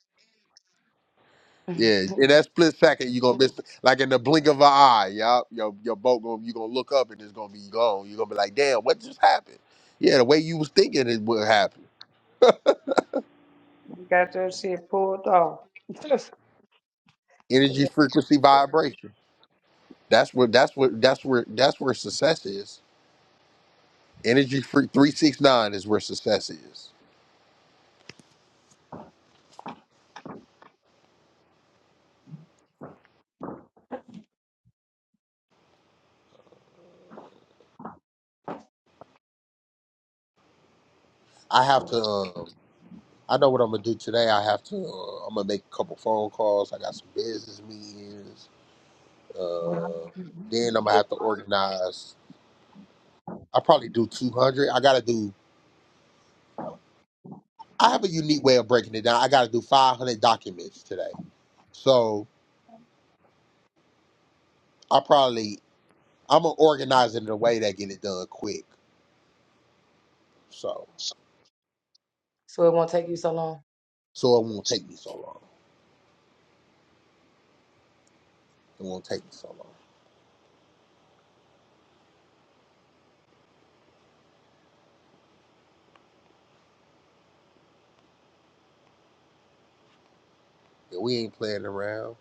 [SPEAKER 2] Yeah, in that split second, you're gonna miss like in the blink of an eye, yup, your your boat gonna you're gonna look up and it's gonna be gone. You're gonna be like, damn, what just happened? Yeah, the way you was thinking it would happen.
[SPEAKER 1] You got your shit pulled off.
[SPEAKER 2] Energy frequency vibration. That's where that's what that's where that's where success is. Energy free three six nine is where success is. I have to. Um, I know what I'm gonna do today. I have to. Uh, I'm gonna make a couple phone calls. I got some business meetings. Uh, then I'm gonna have to organize. I probably do 200. I gotta do. I have a unique way of breaking it down. I gotta do 500 documents today. So I probably I'm gonna organize it in a way that get it done quick. So so it won't take me so long. It won't take me so long. Yeah, we ain't playing around.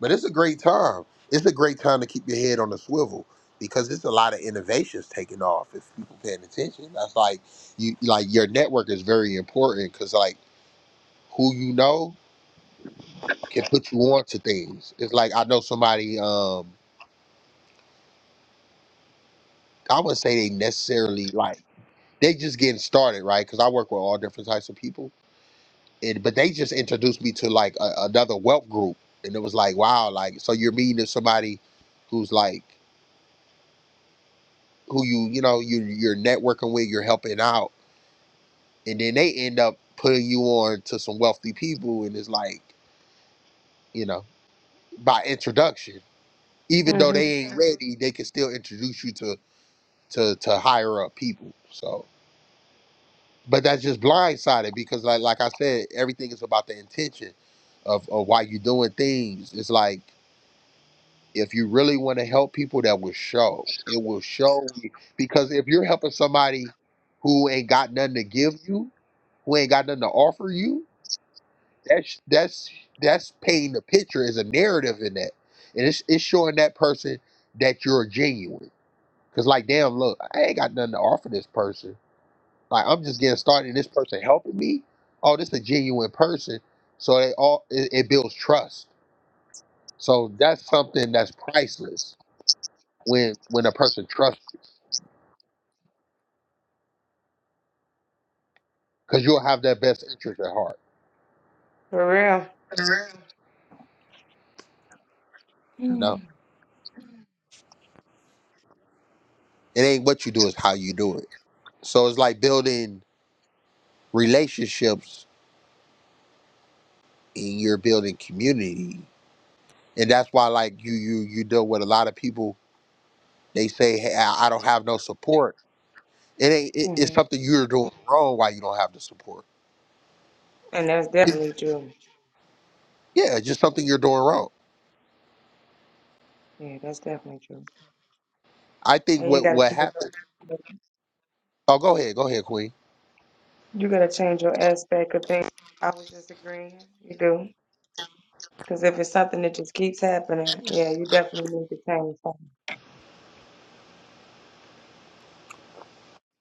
[SPEAKER 2] But it's a great time. It's a great time to keep your head on the swivel because it's a lot of innovations taking off if people paying attention. That's like you like your network is very important because like who you know can put you on to things. It's like I know somebody. Um, I wouldn't say they necessarily like they just getting started, right? Because I work with all different types of people, and but they just introduced me to like a, another wealth group, and it was like wow, like so you're meeting somebody who's like who you you know you you're networking with, you're helping out, and then they end up putting you on to some wealthy people, and it's like you know by introduction, even though
[SPEAKER 1] hmm
[SPEAKER 2] they ain't ready, they can still introduce you to to to higher up people. So, but that's just blindsided because like like I said, everything is about the intention of, of why you're doing things. It's like if you really want to help people, that will show. It will show you- because if you're helping somebody who ain't got nothing to give you who ain't got nothing to offer you. That's that's that's painting the picture as a narrative in that, and it's it's showing that person that you're genuine. Cause like, damn, look, I ain't got nothing to offer this person. Like, I'm just getting started, and this person helping me. Oh, this a genuine person. So it all it, it builds trust. So that's something that's priceless when when a person trusts you, cause you'll have their best interest at heart.
[SPEAKER 1] For real.
[SPEAKER 2] You know, it ain't what you do, it's how you do it. So it's like building relationships and you're building community and that's why like you you you deal with a lot of people they say hey i I don't have no support it ain't it, it's
[SPEAKER 1] hmm
[SPEAKER 2] something you're doing wrong why you don't have the support
[SPEAKER 1] And that's
[SPEAKER 2] It's-
[SPEAKER 1] definitely true.
[SPEAKER 2] yeah it's just something you're doing wrong
[SPEAKER 1] Yeah, that's definitely true.
[SPEAKER 2] i think
[SPEAKER 1] And you
[SPEAKER 2] what
[SPEAKER 1] gotta
[SPEAKER 2] what
[SPEAKER 1] change
[SPEAKER 2] happened
[SPEAKER 1] your
[SPEAKER 2] oh go ahead go ahead queen
[SPEAKER 1] you gotta change your aspect of things. I was just agreeing. You do. Because if it's something that just keeps happening, yeah, you definitely need to change something.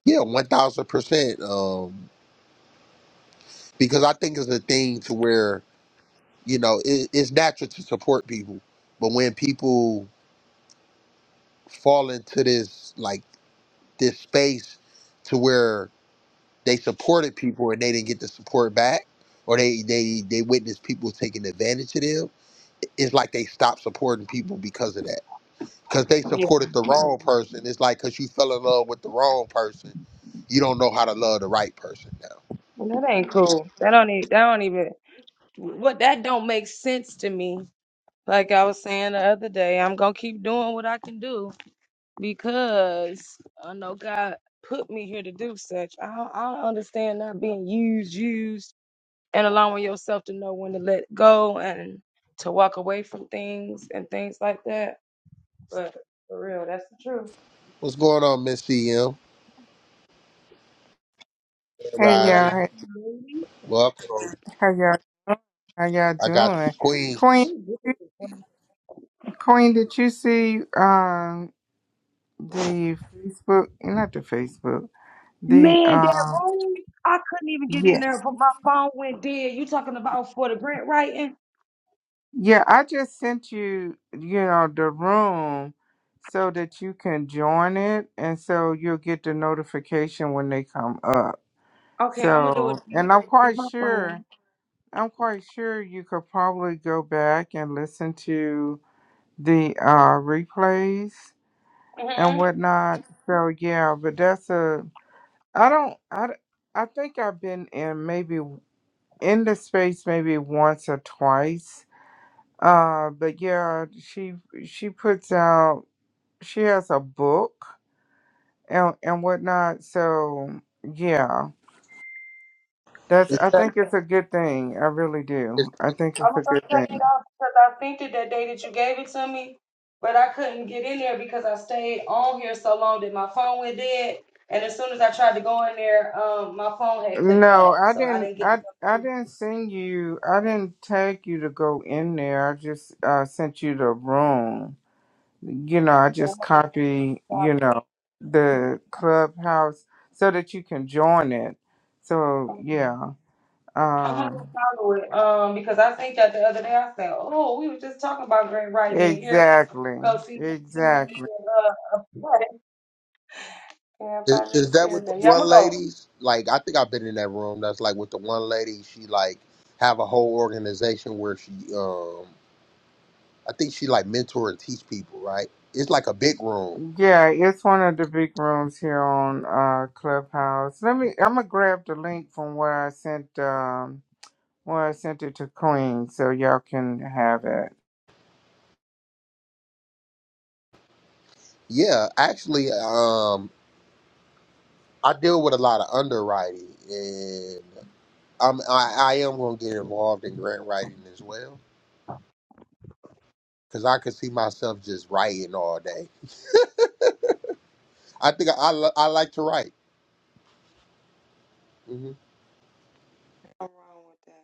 [SPEAKER 2] yeah 1000% um because i think it's a thing to where you know it, it's natural to support people but when people fall into this like this space to where they supported people and they didn't get the support back or they they they witnessed people taking advantage of them it's like they stopped supporting people because of that because they supported the wrong person it's like because you fell in love with the wrong person you don't know how to love the right person now
[SPEAKER 1] And that ain't cool. That don't even, that don't even, what, that don't make sense to me. Like I was saying the other day, I'm gonna keep doing what I can do. because I know God put me here to do such. I don't, I don't understand not being used, used. And
[SPEAKER 2] what's going on miss cm
[SPEAKER 3] Hey y'all,
[SPEAKER 2] rising welcome
[SPEAKER 3] hey, how y'all doing? How y'all
[SPEAKER 2] i got the
[SPEAKER 3] doing? Queen,
[SPEAKER 2] queens
[SPEAKER 3] Queen, did you see um the Facebook? Not the Facebook. The
[SPEAKER 1] man,
[SPEAKER 3] um
[SPEAKER 1] that room, I couldn't even get in there,
[SPEAKER 3] yes,
[SPEAKER 1] but my phone went dead. You talking about for the grant writing?
[SPEAKER 3] yeah. I just sent you, you know, the room so that you can join it, and so you'll get the notification when they come up.
[SPEAKER 1] Okay, I'm gonna do it
[SPEAKER 3] So, and I'm
[SPEAKER 1] here because
[SPEAKER 3] quite
[SPEAKER 1] my
[SPEAKER 3] sure,
[SPEAKER 1] phone.
[SPEAKER 3] I'm quite sure you could probably go back and listen to the uh replays and
[SPEAKER 1] hmm
[SPEAKER 3] whatnot. So yeah, but that's a I don't I d- I think I've been in maybe w- in the space maybe once or twice. Uh, but yeah, she she puts out she has a book and and whatnot. So yeah. That's
[SPEAKER 2] is
[SPEAKER 3] I
[SPEAKER 2] that
[SPEAKER 3] think it's a good thing. I really
[SPEAKER 2] is,
[SPEAKER 3] do. I think
[SPEAKER 1] I'm
[SPEAKER 3] it's a
[SPEAKER 1] gonna
[SPEAKER 3] good
[SPEAKER 1] take
[SPEAKER 3] thing.
[SPEAKER 1] it off because I sent it that day that you gave it to me, but I couldn't get in there because I stayed on here so long that my phone went dead. And as soon as I tried to go in there, um, my phone had clicked
[SPEAKER 3] No,
[SPEAKER 1] off,
[SPEAKER 3] I
[SPEAKER 1] so I
[SPEAKER 3] didn't
[SPEAKER 1] didn't get.
[SPEAKER 3] I I didn't send you I didn't tag you to go in there. I just uh sent you the room. you know, I just
[SPEAKER 1] The-
[SPEAKER 3] copy, you know, the clubhouse so that you can join it. So
[SPEAKER 1] I'm
[SPEAKER 3] yeah.
[SPEAKER 1] gonna
[SPEAKER 3] Um
[SPEAKER 1] go follow it. Um, because I seen that the other day. I said, "Oh, we were just talking about great writing in here.
[SPEAKER 3] exactly.
[SPEAKER 1] Go see."
[SPEAKER 3] Exactly.
[SPEAKER 1] Uh, yeah, if I
[SPEAKER 2] is, is
[SPEAKER 1] just
[SPEAKER 2] that with
[SPEAKER 1] said
[SPEAKER 2] the
[SPEAKER 1] that, yeah, I'm
[SPEAKER 2] one
[SPEAKER 1] gonna go.
[SPEAKER 2] ladies like i think i've been in that room that's like with the one lady she like have a whole organization where she um I think she like mentor and teach people, right? It's like a big room.
[SPEAKER 3] Yeah, it's one of the big rooms here on uh Clubhouse. Let me I'm gonna grab the link from where I sent um where I sent it to Queen so y'all can have it.
[SPEAKER 2] Yeah, actually, um, I deal with a lot of underwriting, and I'm I, I am gonna get involved in grant writing as well because I could see myself just writing all day. I think I I, li- I like to write. hmm
[SPEAKER 1] I'm wrong with that.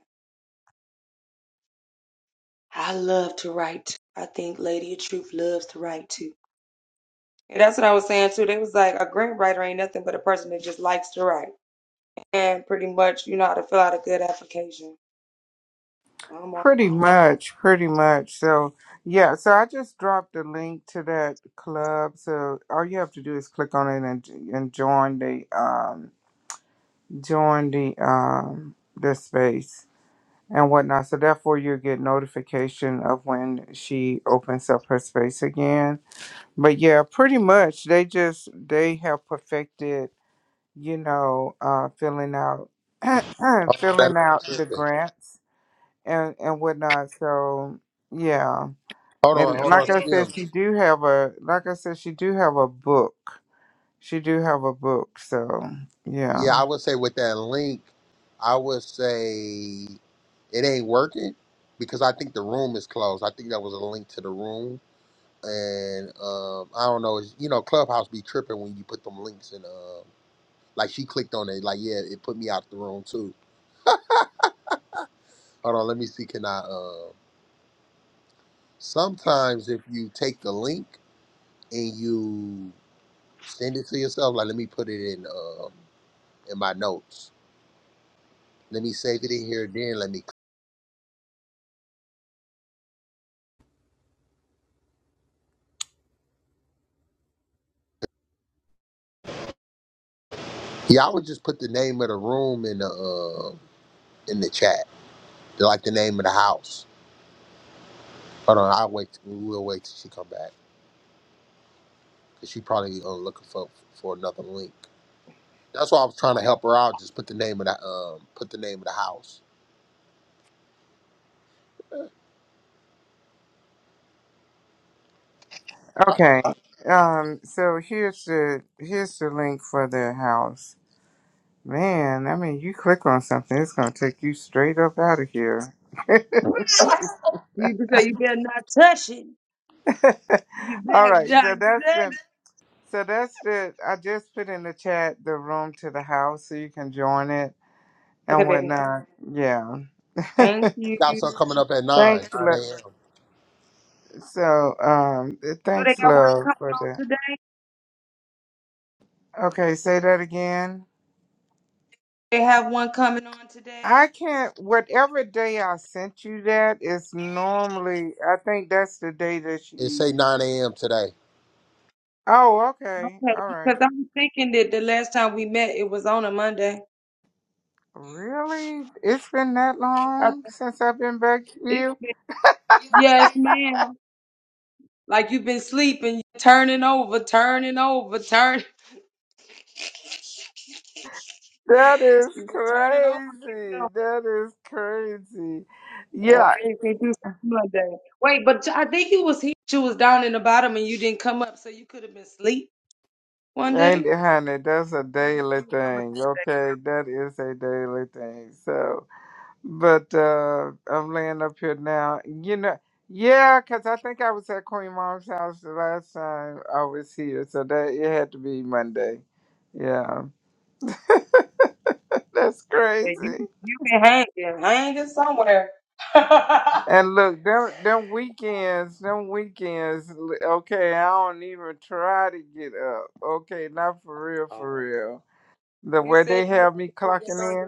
[SPEAKER 1] I love to write. I think Lady of Truth loves to write too. And that's what I was saying too. They was like, a grant writer ain't nothing but a person that just likes to write and pretty much you know how to fill out a good application. I'm all for
[SPEAKER 3] Pretty
[SPEAKER 1] that.
[SPEAKER 3] much, pretty much. So, yeah, so I just dropped a link to that club. So all you have to do is click on it and and join the um join the um the space and whatnot. So therefore you get notification of when she opens up her space again. But yeah, pretty much they just they have perfected, you know, uh filling out
[SPEAKER 2] That
[SPEAKER 3] filling out the
[SPEAKER 2] tripping.
[SPEAKER 3] grants and and whatnot. So yeah.
[SPEAKER 2] hold on,
[SPEAKER 3] And
[SPEAKER 2] hold on,
[SPEAKER 3] like I said, she
[SPEAKER 2] Skims.
[SPEAKER 3] do have a like I said, she do have a book. She do have a book, so
[SPEAKER 2] Yeah,
[SPEAKER 3] yeah.
[SPEAKER 2] I would say with that link, I would say it ain't working because I think the room is closed. I think that was a link to the room and um, I don't know, it's, you know, Clubhouse be tripping when you put them links in. Um, like she clicked on it, like yeah, it put me out the room too. Hold on, let me see. Can I? Uh, sometimes if you take the link and you send it to yourself, like let me put it in um in my notes. Let me save it in here. Then let me. Yeah, I would just put the name of the room in the um in the chat, like the name of the house. Hold on, I'll wait. We'll wait till she come back because she probably uh, looking for for another link. That's why I was trying to help her out. Just put the name of the um, put the name of the house. 'Cause I
[SPEAKER 3] Okay. Um, so here's the here's the link for the house. Man, I mean you click on something, it's gonna take you straight up out of here.
[SPEAKER 1] You-
[SPEAKER 3] All right, so that's the so that's the I just put in the chat the room to the house so you can join it
[SPEAKER 1] Okay,
[SPEAKER 3] and
[SPEAKER 1] baby.
[SPEAKER 3] whatnot. Yeah.
[SPEAKER 1] Thank you.
[SPEAKER 2] we
[SPEAKER 1] You
[SPEAKER 2] got something coming up at nine,
[SPEAKER 3] Thanks,
[SPEAKER 2] nine
[SPEAKER 3] love.
[SPEAKER 2] a.m.
[SPEAKER 3] So, um,
[SPEAKER 1] know they
[SPEAKER 3] thanks,
[SPEAKER 1] got one
[SPEAKER 3] love,
[SPEAKER 1] coming
[SPEAKER 3] for that.
[SPEAKER 1] on
[SPEAKER 3] Okay, say that again.
[SPEAKER 1] They have one coming on
[SPEAKER 3] I
[SPEAKER 1] today.
[SPEAKER 3] can't, whatever day I sent you that is normally, I think that's the day that
[SPEAKER 2] It
[SPEAKER 3] she.
[SPEAKER 2] say nine a.m. today.
[SPEAKER 3] Oh, okay.
[SPEAKER 1] Okay,
[SPEAKER 3] All
[SPEAKER 1] because
[SPEAKER 3] right.
[SPEAKER 1] I'm thinking that the last time we met, it was on a Monday.
[SPEAKER 3] Really? It's been that
[SPEAKER 1] I
[SPEAKER 3] long
[SPEAKER 1] think
[SPEAKER 3] since I've been back to
[SPEAKER 1] it's
[SPEAKER 3] you?
[SPEAKER 1] been, yes, ma'am. Like you've been sleeping, turning over, turning over, turning.
[SPEAKER 3] That is
[SPEAKER 1] You've been turning over.
[SPEAKER 3] crazy.
[SPEAKER 1] No,
[SPEAKER 3] That is crazy.
[SPEAKER 1] no,
[SPEAKER 3] Yeah.
[SPEAKER 1] we can't do something Monday. Wait, but I think you was here. You was down in the bottom and you didn't come up, so you could have been asleep one
[SPEAKER 3] And
[SPEAKER 1] day.
[SPEAKER 3] honey, that's a daily
[SPEAKER 1] You
[SPEAKER 3] thing. Okay. That is a daily thing. So. But uh, I'm laying up here now. You know, yeah, 'cause I think I was at Queen Mom's house the last time I was here, so that it had to be Monday. Yeah, that's crazy.
[SPEAKER 1] been hanging somewhere.
[SPEAKER 3] And look, them them weekends, them weekends. l- Okay, I don't even try to get up. Okay, not for real, for real. The way they have me clocking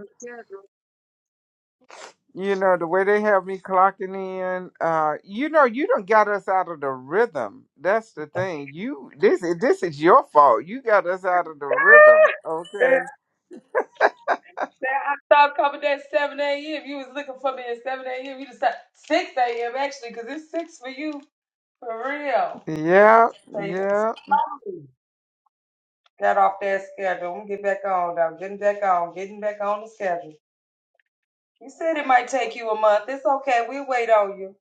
[SPEAKER 3] You know, the way they have me clocking in, uh, you know, you done got us out of the rhythm. That's the thing. You this is this is your fault. You got us out of the rhythm. Okay.
[SPEAKER 1] I stopped coming at 7 a.m. You was looking for me at 7 a.m. You just said 6 a.m. actually, 'cause it's 6 for you. For real.
[SPEAKER 3] Yeah,
[SPEAKER 1] They just
[SPEAKER 3] yeah.
[SPEAKER 1] got off that schedule. I'm going to get back on now. Getting back on. Getting back on the schedule. You said it might take you a month. It's okay. We'll wait on you.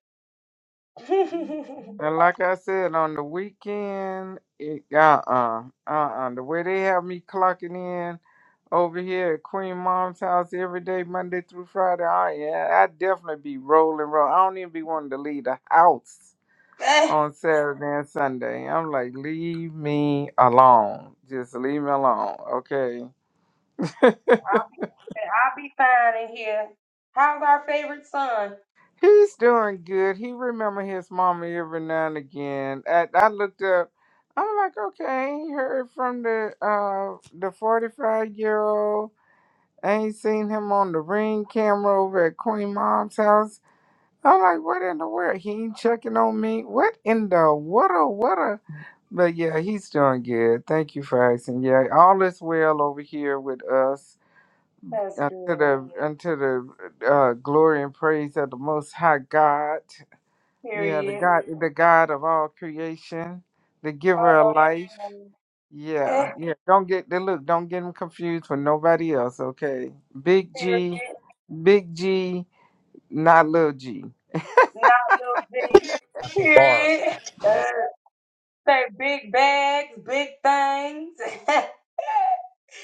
[SPEAKER 3] And like I said, on the weekend, it, uh-uh, uh-uh. The way they have me clocking in over here at Queen Mom's house every day, Monday through Friday, oh yeah, I definitely be rolling, roll. I don't even be wanting to leave the house.
[SPEAKER 1] eh,
[SPEAKER 3] on Saturday and Sunday. I'm like, leave me alone. Just leave me alone, okay? He's doing good. He remember his mama every now and again. I, I looked up. I'm like, okay, I ain't heard from the uh the 45 year old. I ain't seen him on the ring camera over at Queen Mom's house. I'm like, what in the world? He ain't checking on me. What in the what? But yeah, he's doing good. Thank you for asking. Yeah, all is well over here with us. Unto the unto the uh, glory and praise of the Most High God. Yeah, the
[SPEAKER 1] period.
[SPEAKER 3] God, the God of all creation, the
[SPEAKER 1] Uh,
[SPEAKER 3] Giver of life.
[SPEAKER 1] eh,
[SPEAKER 3] Yeah, yeah. Don't get they look. Don't get him confused with nobody else. Okay, Big
[SPEAKER 1] period.
[SPEAKER 3] G, Big G, not little G.
[SPEAKER 1] No,
[SPEAKER 2] It's a
[SPEAKER 1] period.
[SPEAKER 2] bar.
[SPEAKER 1] Say Big bags, big things.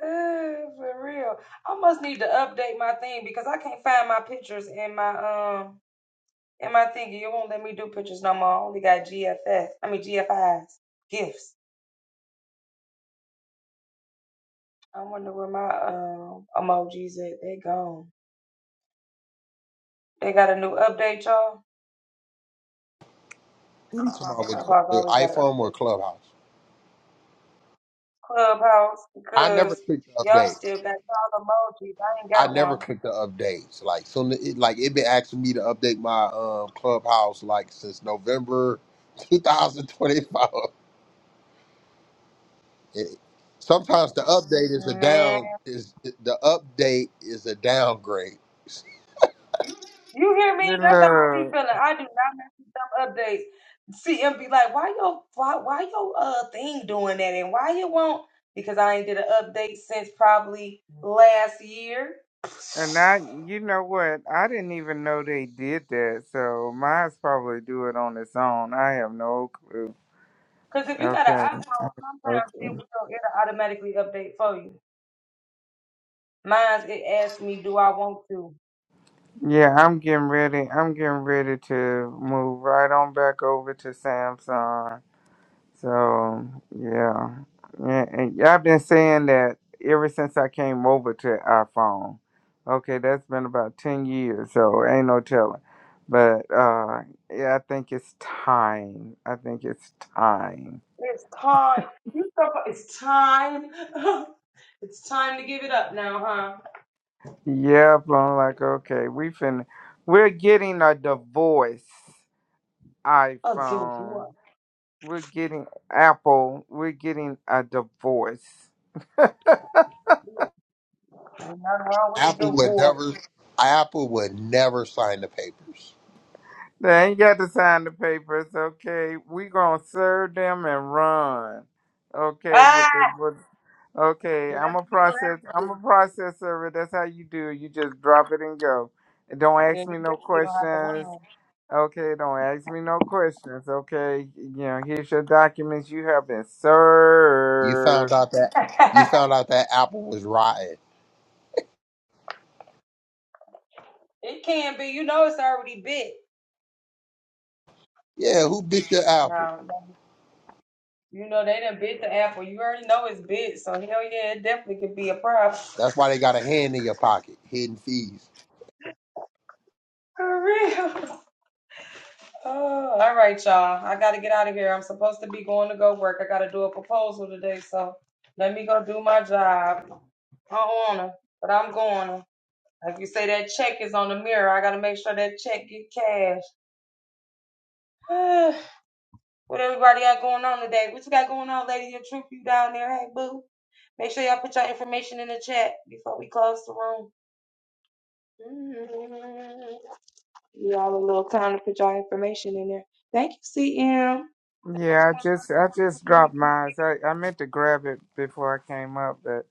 [SPEAKER 1] Eh, for real. I must need to update my thing because I can't find my pictures in my um in my thingy. It won't let me do pictures no more. I only got GFS. I mean GFIs. Gifts. I wonder where my um emojis at. They gone. They got a new update, y'all.
[SPEAKER 2] What are you talking about with,
[SPEAKER 1] Clubhouse
[SPEAKER 2] with
[SPEAKER 1] always got an
[SPEAKER 2] iPhone or
[SPEAKER 1] update.
[SPEAKER 2] Clubhouse?
[SPEAKER 1] Clubhouse
[SPEAKER 2] I never
[SPEAKER 1] because
[SPEAKER 2] click the
[SPEAKER 1] y'all
[SPEAKER 2] update.
[SPEAKER 1] still got y'all emojis. I ain't
[SPEAKER 2] I
[SPEAKER 1] got
[SPEAKER 2] never
[SPEAKER 1] one.
[SPEAKER 2] click the updates. Like so, it, like it been asking me to update my um Clubhouse like since November 2025. It- sometimes the update is a
[SPEAKER 1] Man.
[SPEAKER 2] down is the update is a downgrade.
[SPEAKER 1] You hear me? That's how I be
[SPEAKER 3] Little
[SPEAKER 1] feeling. I do updates. CM be like, why your why why your uh thing doing that and why you won't? Because I ain't did an update since probably last year.
[SPEAKER 3] And I, you know what? I didn't even know they did that. So mine's probably do it on its own. I have no clue.
[SPEAKER 1] Because if you got an
[SPEAKER 3] Okay.
[SPEAKER 1] iPhone, sometimes
[SPEAKER 3] Okay.
[SPEAKER 1] it will it'll automatically update for you. Mine asked me won't to.
[SPEAKER 3] Yeah, I'm getting ready. I'm getting ready to move right on back over to Samsung. So yeah, and, and I've been saying that ever since I came over to iPhone. Okay, that's been about ten years. So ain't no telling. But uh, yeah, I think it's time. I think it's time.
[SPEAKER 1] It's time. You so fu- it's time. it's time to give it up now, huh?
[SPEAKER 3] Yep, I'm like, okay, we finna, we're getting a divorce
[SPEAKER 1] Oh, it's A
[SPEAKER 3] iPhone.
[SPEAKER 1] Zora.
[SPEAKER 3] We're getting Apple. We're getting a divorce.
[SPEAKER 2] Apple would never Apple would never sign the papers.
[SPEAKER 3] They ain't got to sign the papers, okay? We gonna serve them and run, okay?
[SPEAKER 1] Ah,
[SPEAKER 3] With the, with, okay,
[SPEAKER 1] 'cause that's
[SPEAKER 3] I'm a
[SPEAKER 1] what you gonna
[SPEAKER 3] process,
[SPEAKER 1] have to
[SPEAKER 3] I'm a
[SPEAKER 1] do.
[SPEAKER 3] process server. That's how you do. it. You just drop it and go. And don't
[SPEAKER 1] Yeah,
[SPEAKER 3] ask
[SPEAKER 1] you
[SPEAKER 3] me no
[SPEAKER 1] definitely gonna have
[SPEAKER 3] questions. Okay, don't ask me no questions. Okay, you know, here's your documents. You have been
[SPEAKER 2] You found
[SPEAKER 3] served.
[SPEAKER 2] out that
[SPEAKER 1] to
[SPEAKER 2] you
[SPEAKER 1] run.
[SPEAKER 2] found out that Apple was rotten.
[SPEAKER 1] it can be. You know, it's already bit.
[SPEAKER 2] Yeah, who bit your apple?
[SPEAKER 1] No. You know they done bit the apple. You already know it's bit, so hell yeah, it definitely could be a problem.
[SPEAKER 2] That's why they got a hand in your pocket, hidden fees,
[SPEAKER 1] For real. Oh, all right, y'all. I gotta get out of here. I'm supposed to be going to go work. I gotta do a proposal today, so let me go do my job. I don't wanna, but I'm going. Like you say, that check is on the mirror. I gotta make sure that check get cash. what everybody got going on today? What you got going on, lady? Your troop, you down there? Hey, boo. Make sure y'all put your information in the chat before we close the room. Mhm. Y'all a little time to put y'all information in there. Thank you, CM.
[SPEAKER 3] Yeah, I just I just dropped mine. so I, I meant to grab it before I came up, but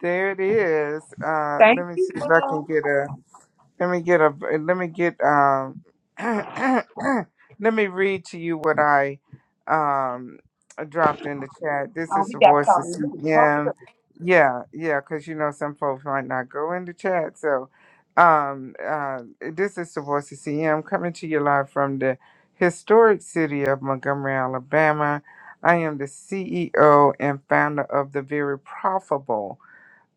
[SPEAKER 3] there it is. Uh,
[SPEAKER 1] Thank you.
[SPEAKER 3] let me see if I can
[SPEAKER 1] Oh,
[SPEAKER 3] get a. Let me get a. Let me get. Um, let me read to you what I um dropped in the chat. This is
[SPEAKER 1] we
[SPEAKER 3] the
[SPEAKER 1] got
[SPEAKER 3] voice of
[SPEAKER 1] something new. Huh?
[SPEAKER 3] CM. Yeah, yeah, because you know some folks might not go in the chat. So, um, uh, this is the voice of CM coming to you live from the historic city of Montgomery, Alabama. I am the CEO and founder of the very profitable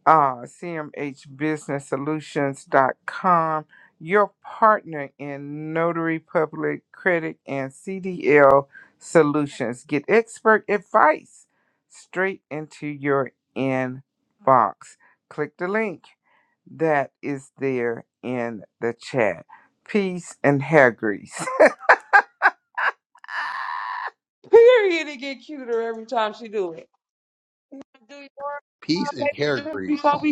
[SPEAKER 3] uh, cmhbusinesssolutions.com, your partner in notary public credit and CDL solutions. Get expert advice straight into your inbox. Click the link that is there in the chat. Peace and hair grease.
[SPEAKER 1] Period. It get cuter every time she do it.
[SPEAKER 2] peace, and hair grease.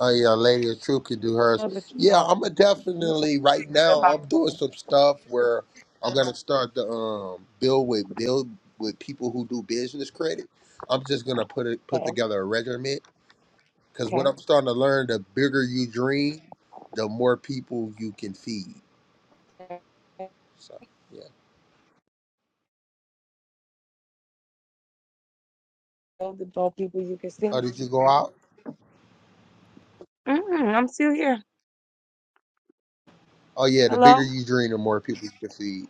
[SPEAKER 2] Oh yeah, Lady of Truth can do hers.
[SPEAKER 1] Yeah, but you
[SPEAKER 2] Yeah,
[SPEAKER 1] know,
[SPEAKER 2] I'm a
[SPEAKER 1] you so
[SPEAKER 2] definitely right
[SPEAKER 1] good
[SPEAKER 2] now.
[SPEAKER 1] about
[SPEAKER 2] I'm doing some stuff where I'm gonna start to um build with build with people who do business credit. I'm just gonna put it put
[SPEAKER 1] that.
[SPEAKER 2] together a regimen Because what
[SPEAKER 1] Okay.
[SPEAKER 2] I'm starting to learn, the bigger you dream, the more people you can feed. So, yeah. Oh, did you go out? Oh, yeah. The bigger you dream, the more people you can feed.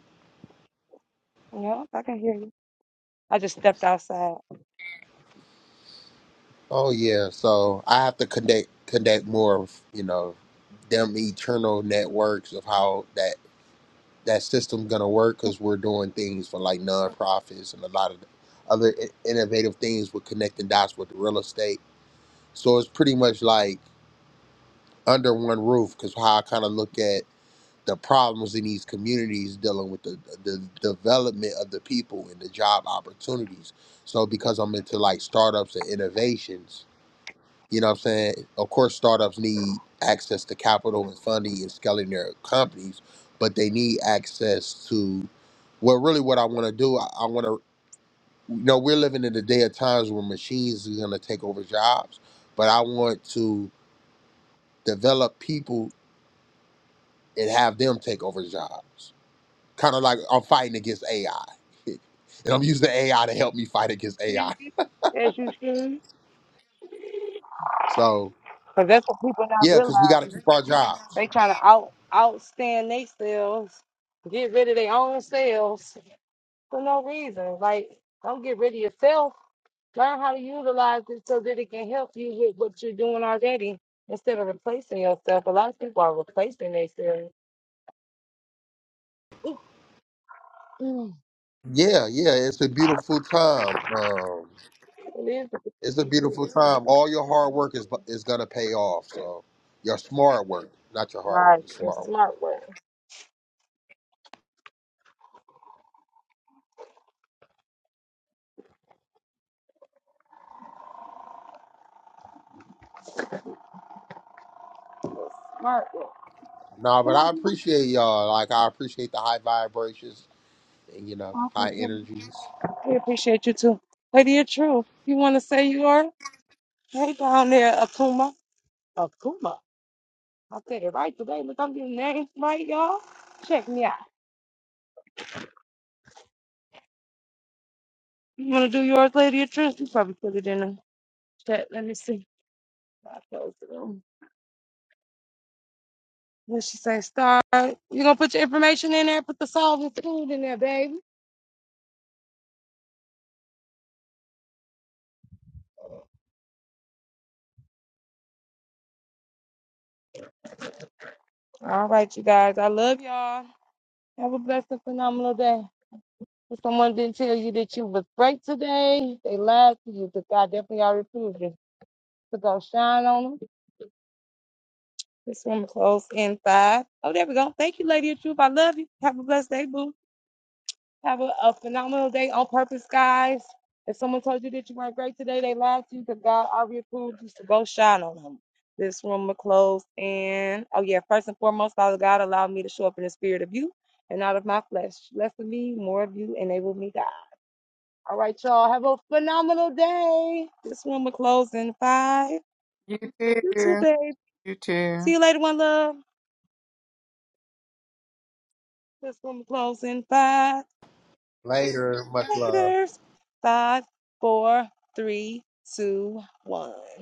[SPEAKER 1] I just
[SPEAKER 2] Oh, yeah. So I have to connect connect more of, you know, them eternal networks of how that that system's going to work because we're doing things for like nonprofits and a lot of other i- innovative things with connecting dots with real estate. So it's pretty much like under one roof because how I kind of look at the problems in these communities dealing with the, the development of the people and the job opportunities. So because I'm into like startups and innovations, you know what I'm saying? Of course startups need access to capital and funding and scaling their companies, but they need access to well really what I want to do, I, I want to you know, we're living in the day of times where machines are gonna take over jobs, but I want to develop people and have them take over jobs. Kind of like I'm fighting against AI. and I'm using AI to help me fight against AI.
[SPEAKER 1] As you should.
[SPEAKER 2] So
[SPEAKER 1] because that's what people not
[SPEAKER 2] yeah, because we got to
[SPEAKER 1] realizing.
[SPEAKER 2] keep our jobs.
[SPEAKER 1] They trying to out outstand themselves, get rid of their own selves. for no reason. Like, don't get rid of yourself. Learn how to utilize it so that it can help you with what you're doing already instead of replacing yourself. A lot of people are replacing themselves. Ooh, mm.
[SPEAKER 2] Yeah, yeah, it's a beautiful time. Um, it's a beautiful time. All your hard work is is gonna pay off. So your smart work, not your hard work, your smart work. Nah, but I appreciate y'all. Like I appreciate the high vibrations and you know high
[SPEAKER 1] Awesome.
[SPEAKER 2] energies.
[SPEAKER 1] I appreciate you too. Lady of Truth, you want to say you are? Hey, down there, Akuma. Akuma. I said it right today. Look, I'm getting names right, y'all. Check me out. You want to do yours, Lady of Truth? You probably put it in the chat. Let me see. I closed it. What she say, Star, you gonna put your information in there, put the solvent food in there, baby. All right, you guys. I love y'all. Have a blessed and phenomenal day. If someone didn't tell you that you was great today, they lied to you because God definitely already proved it. So go shine on them. This one close in five. Oh, there we go. Thank you, Lady of Truth. I love you. Have a blessed day, boo. Have a, a phenomenal day on purpose, guys. If someone told you that you weren't great today, they lied to you because God already approved you. So go shine on them. This room will close. And oh, yeah, first and foremost, Father God, allow me to show up in the spirit of you and out of my flesh. Less of me, more of you, enable me, God. All right, y'all. Have a phenomenal day. This room will close in five.
[SPEAKER 3] You
[SPEAKER 1] You too,
[SPEAKER 3] too.
[SPEAKER 1] babe.
[SPEAKER 3] You too.
[SPEAKER 1] See you later, one love. This room will close in five.
[SPEAKER 2] Later, much love.
[SPEAKER 1] Laters. Five, four, three, two, one.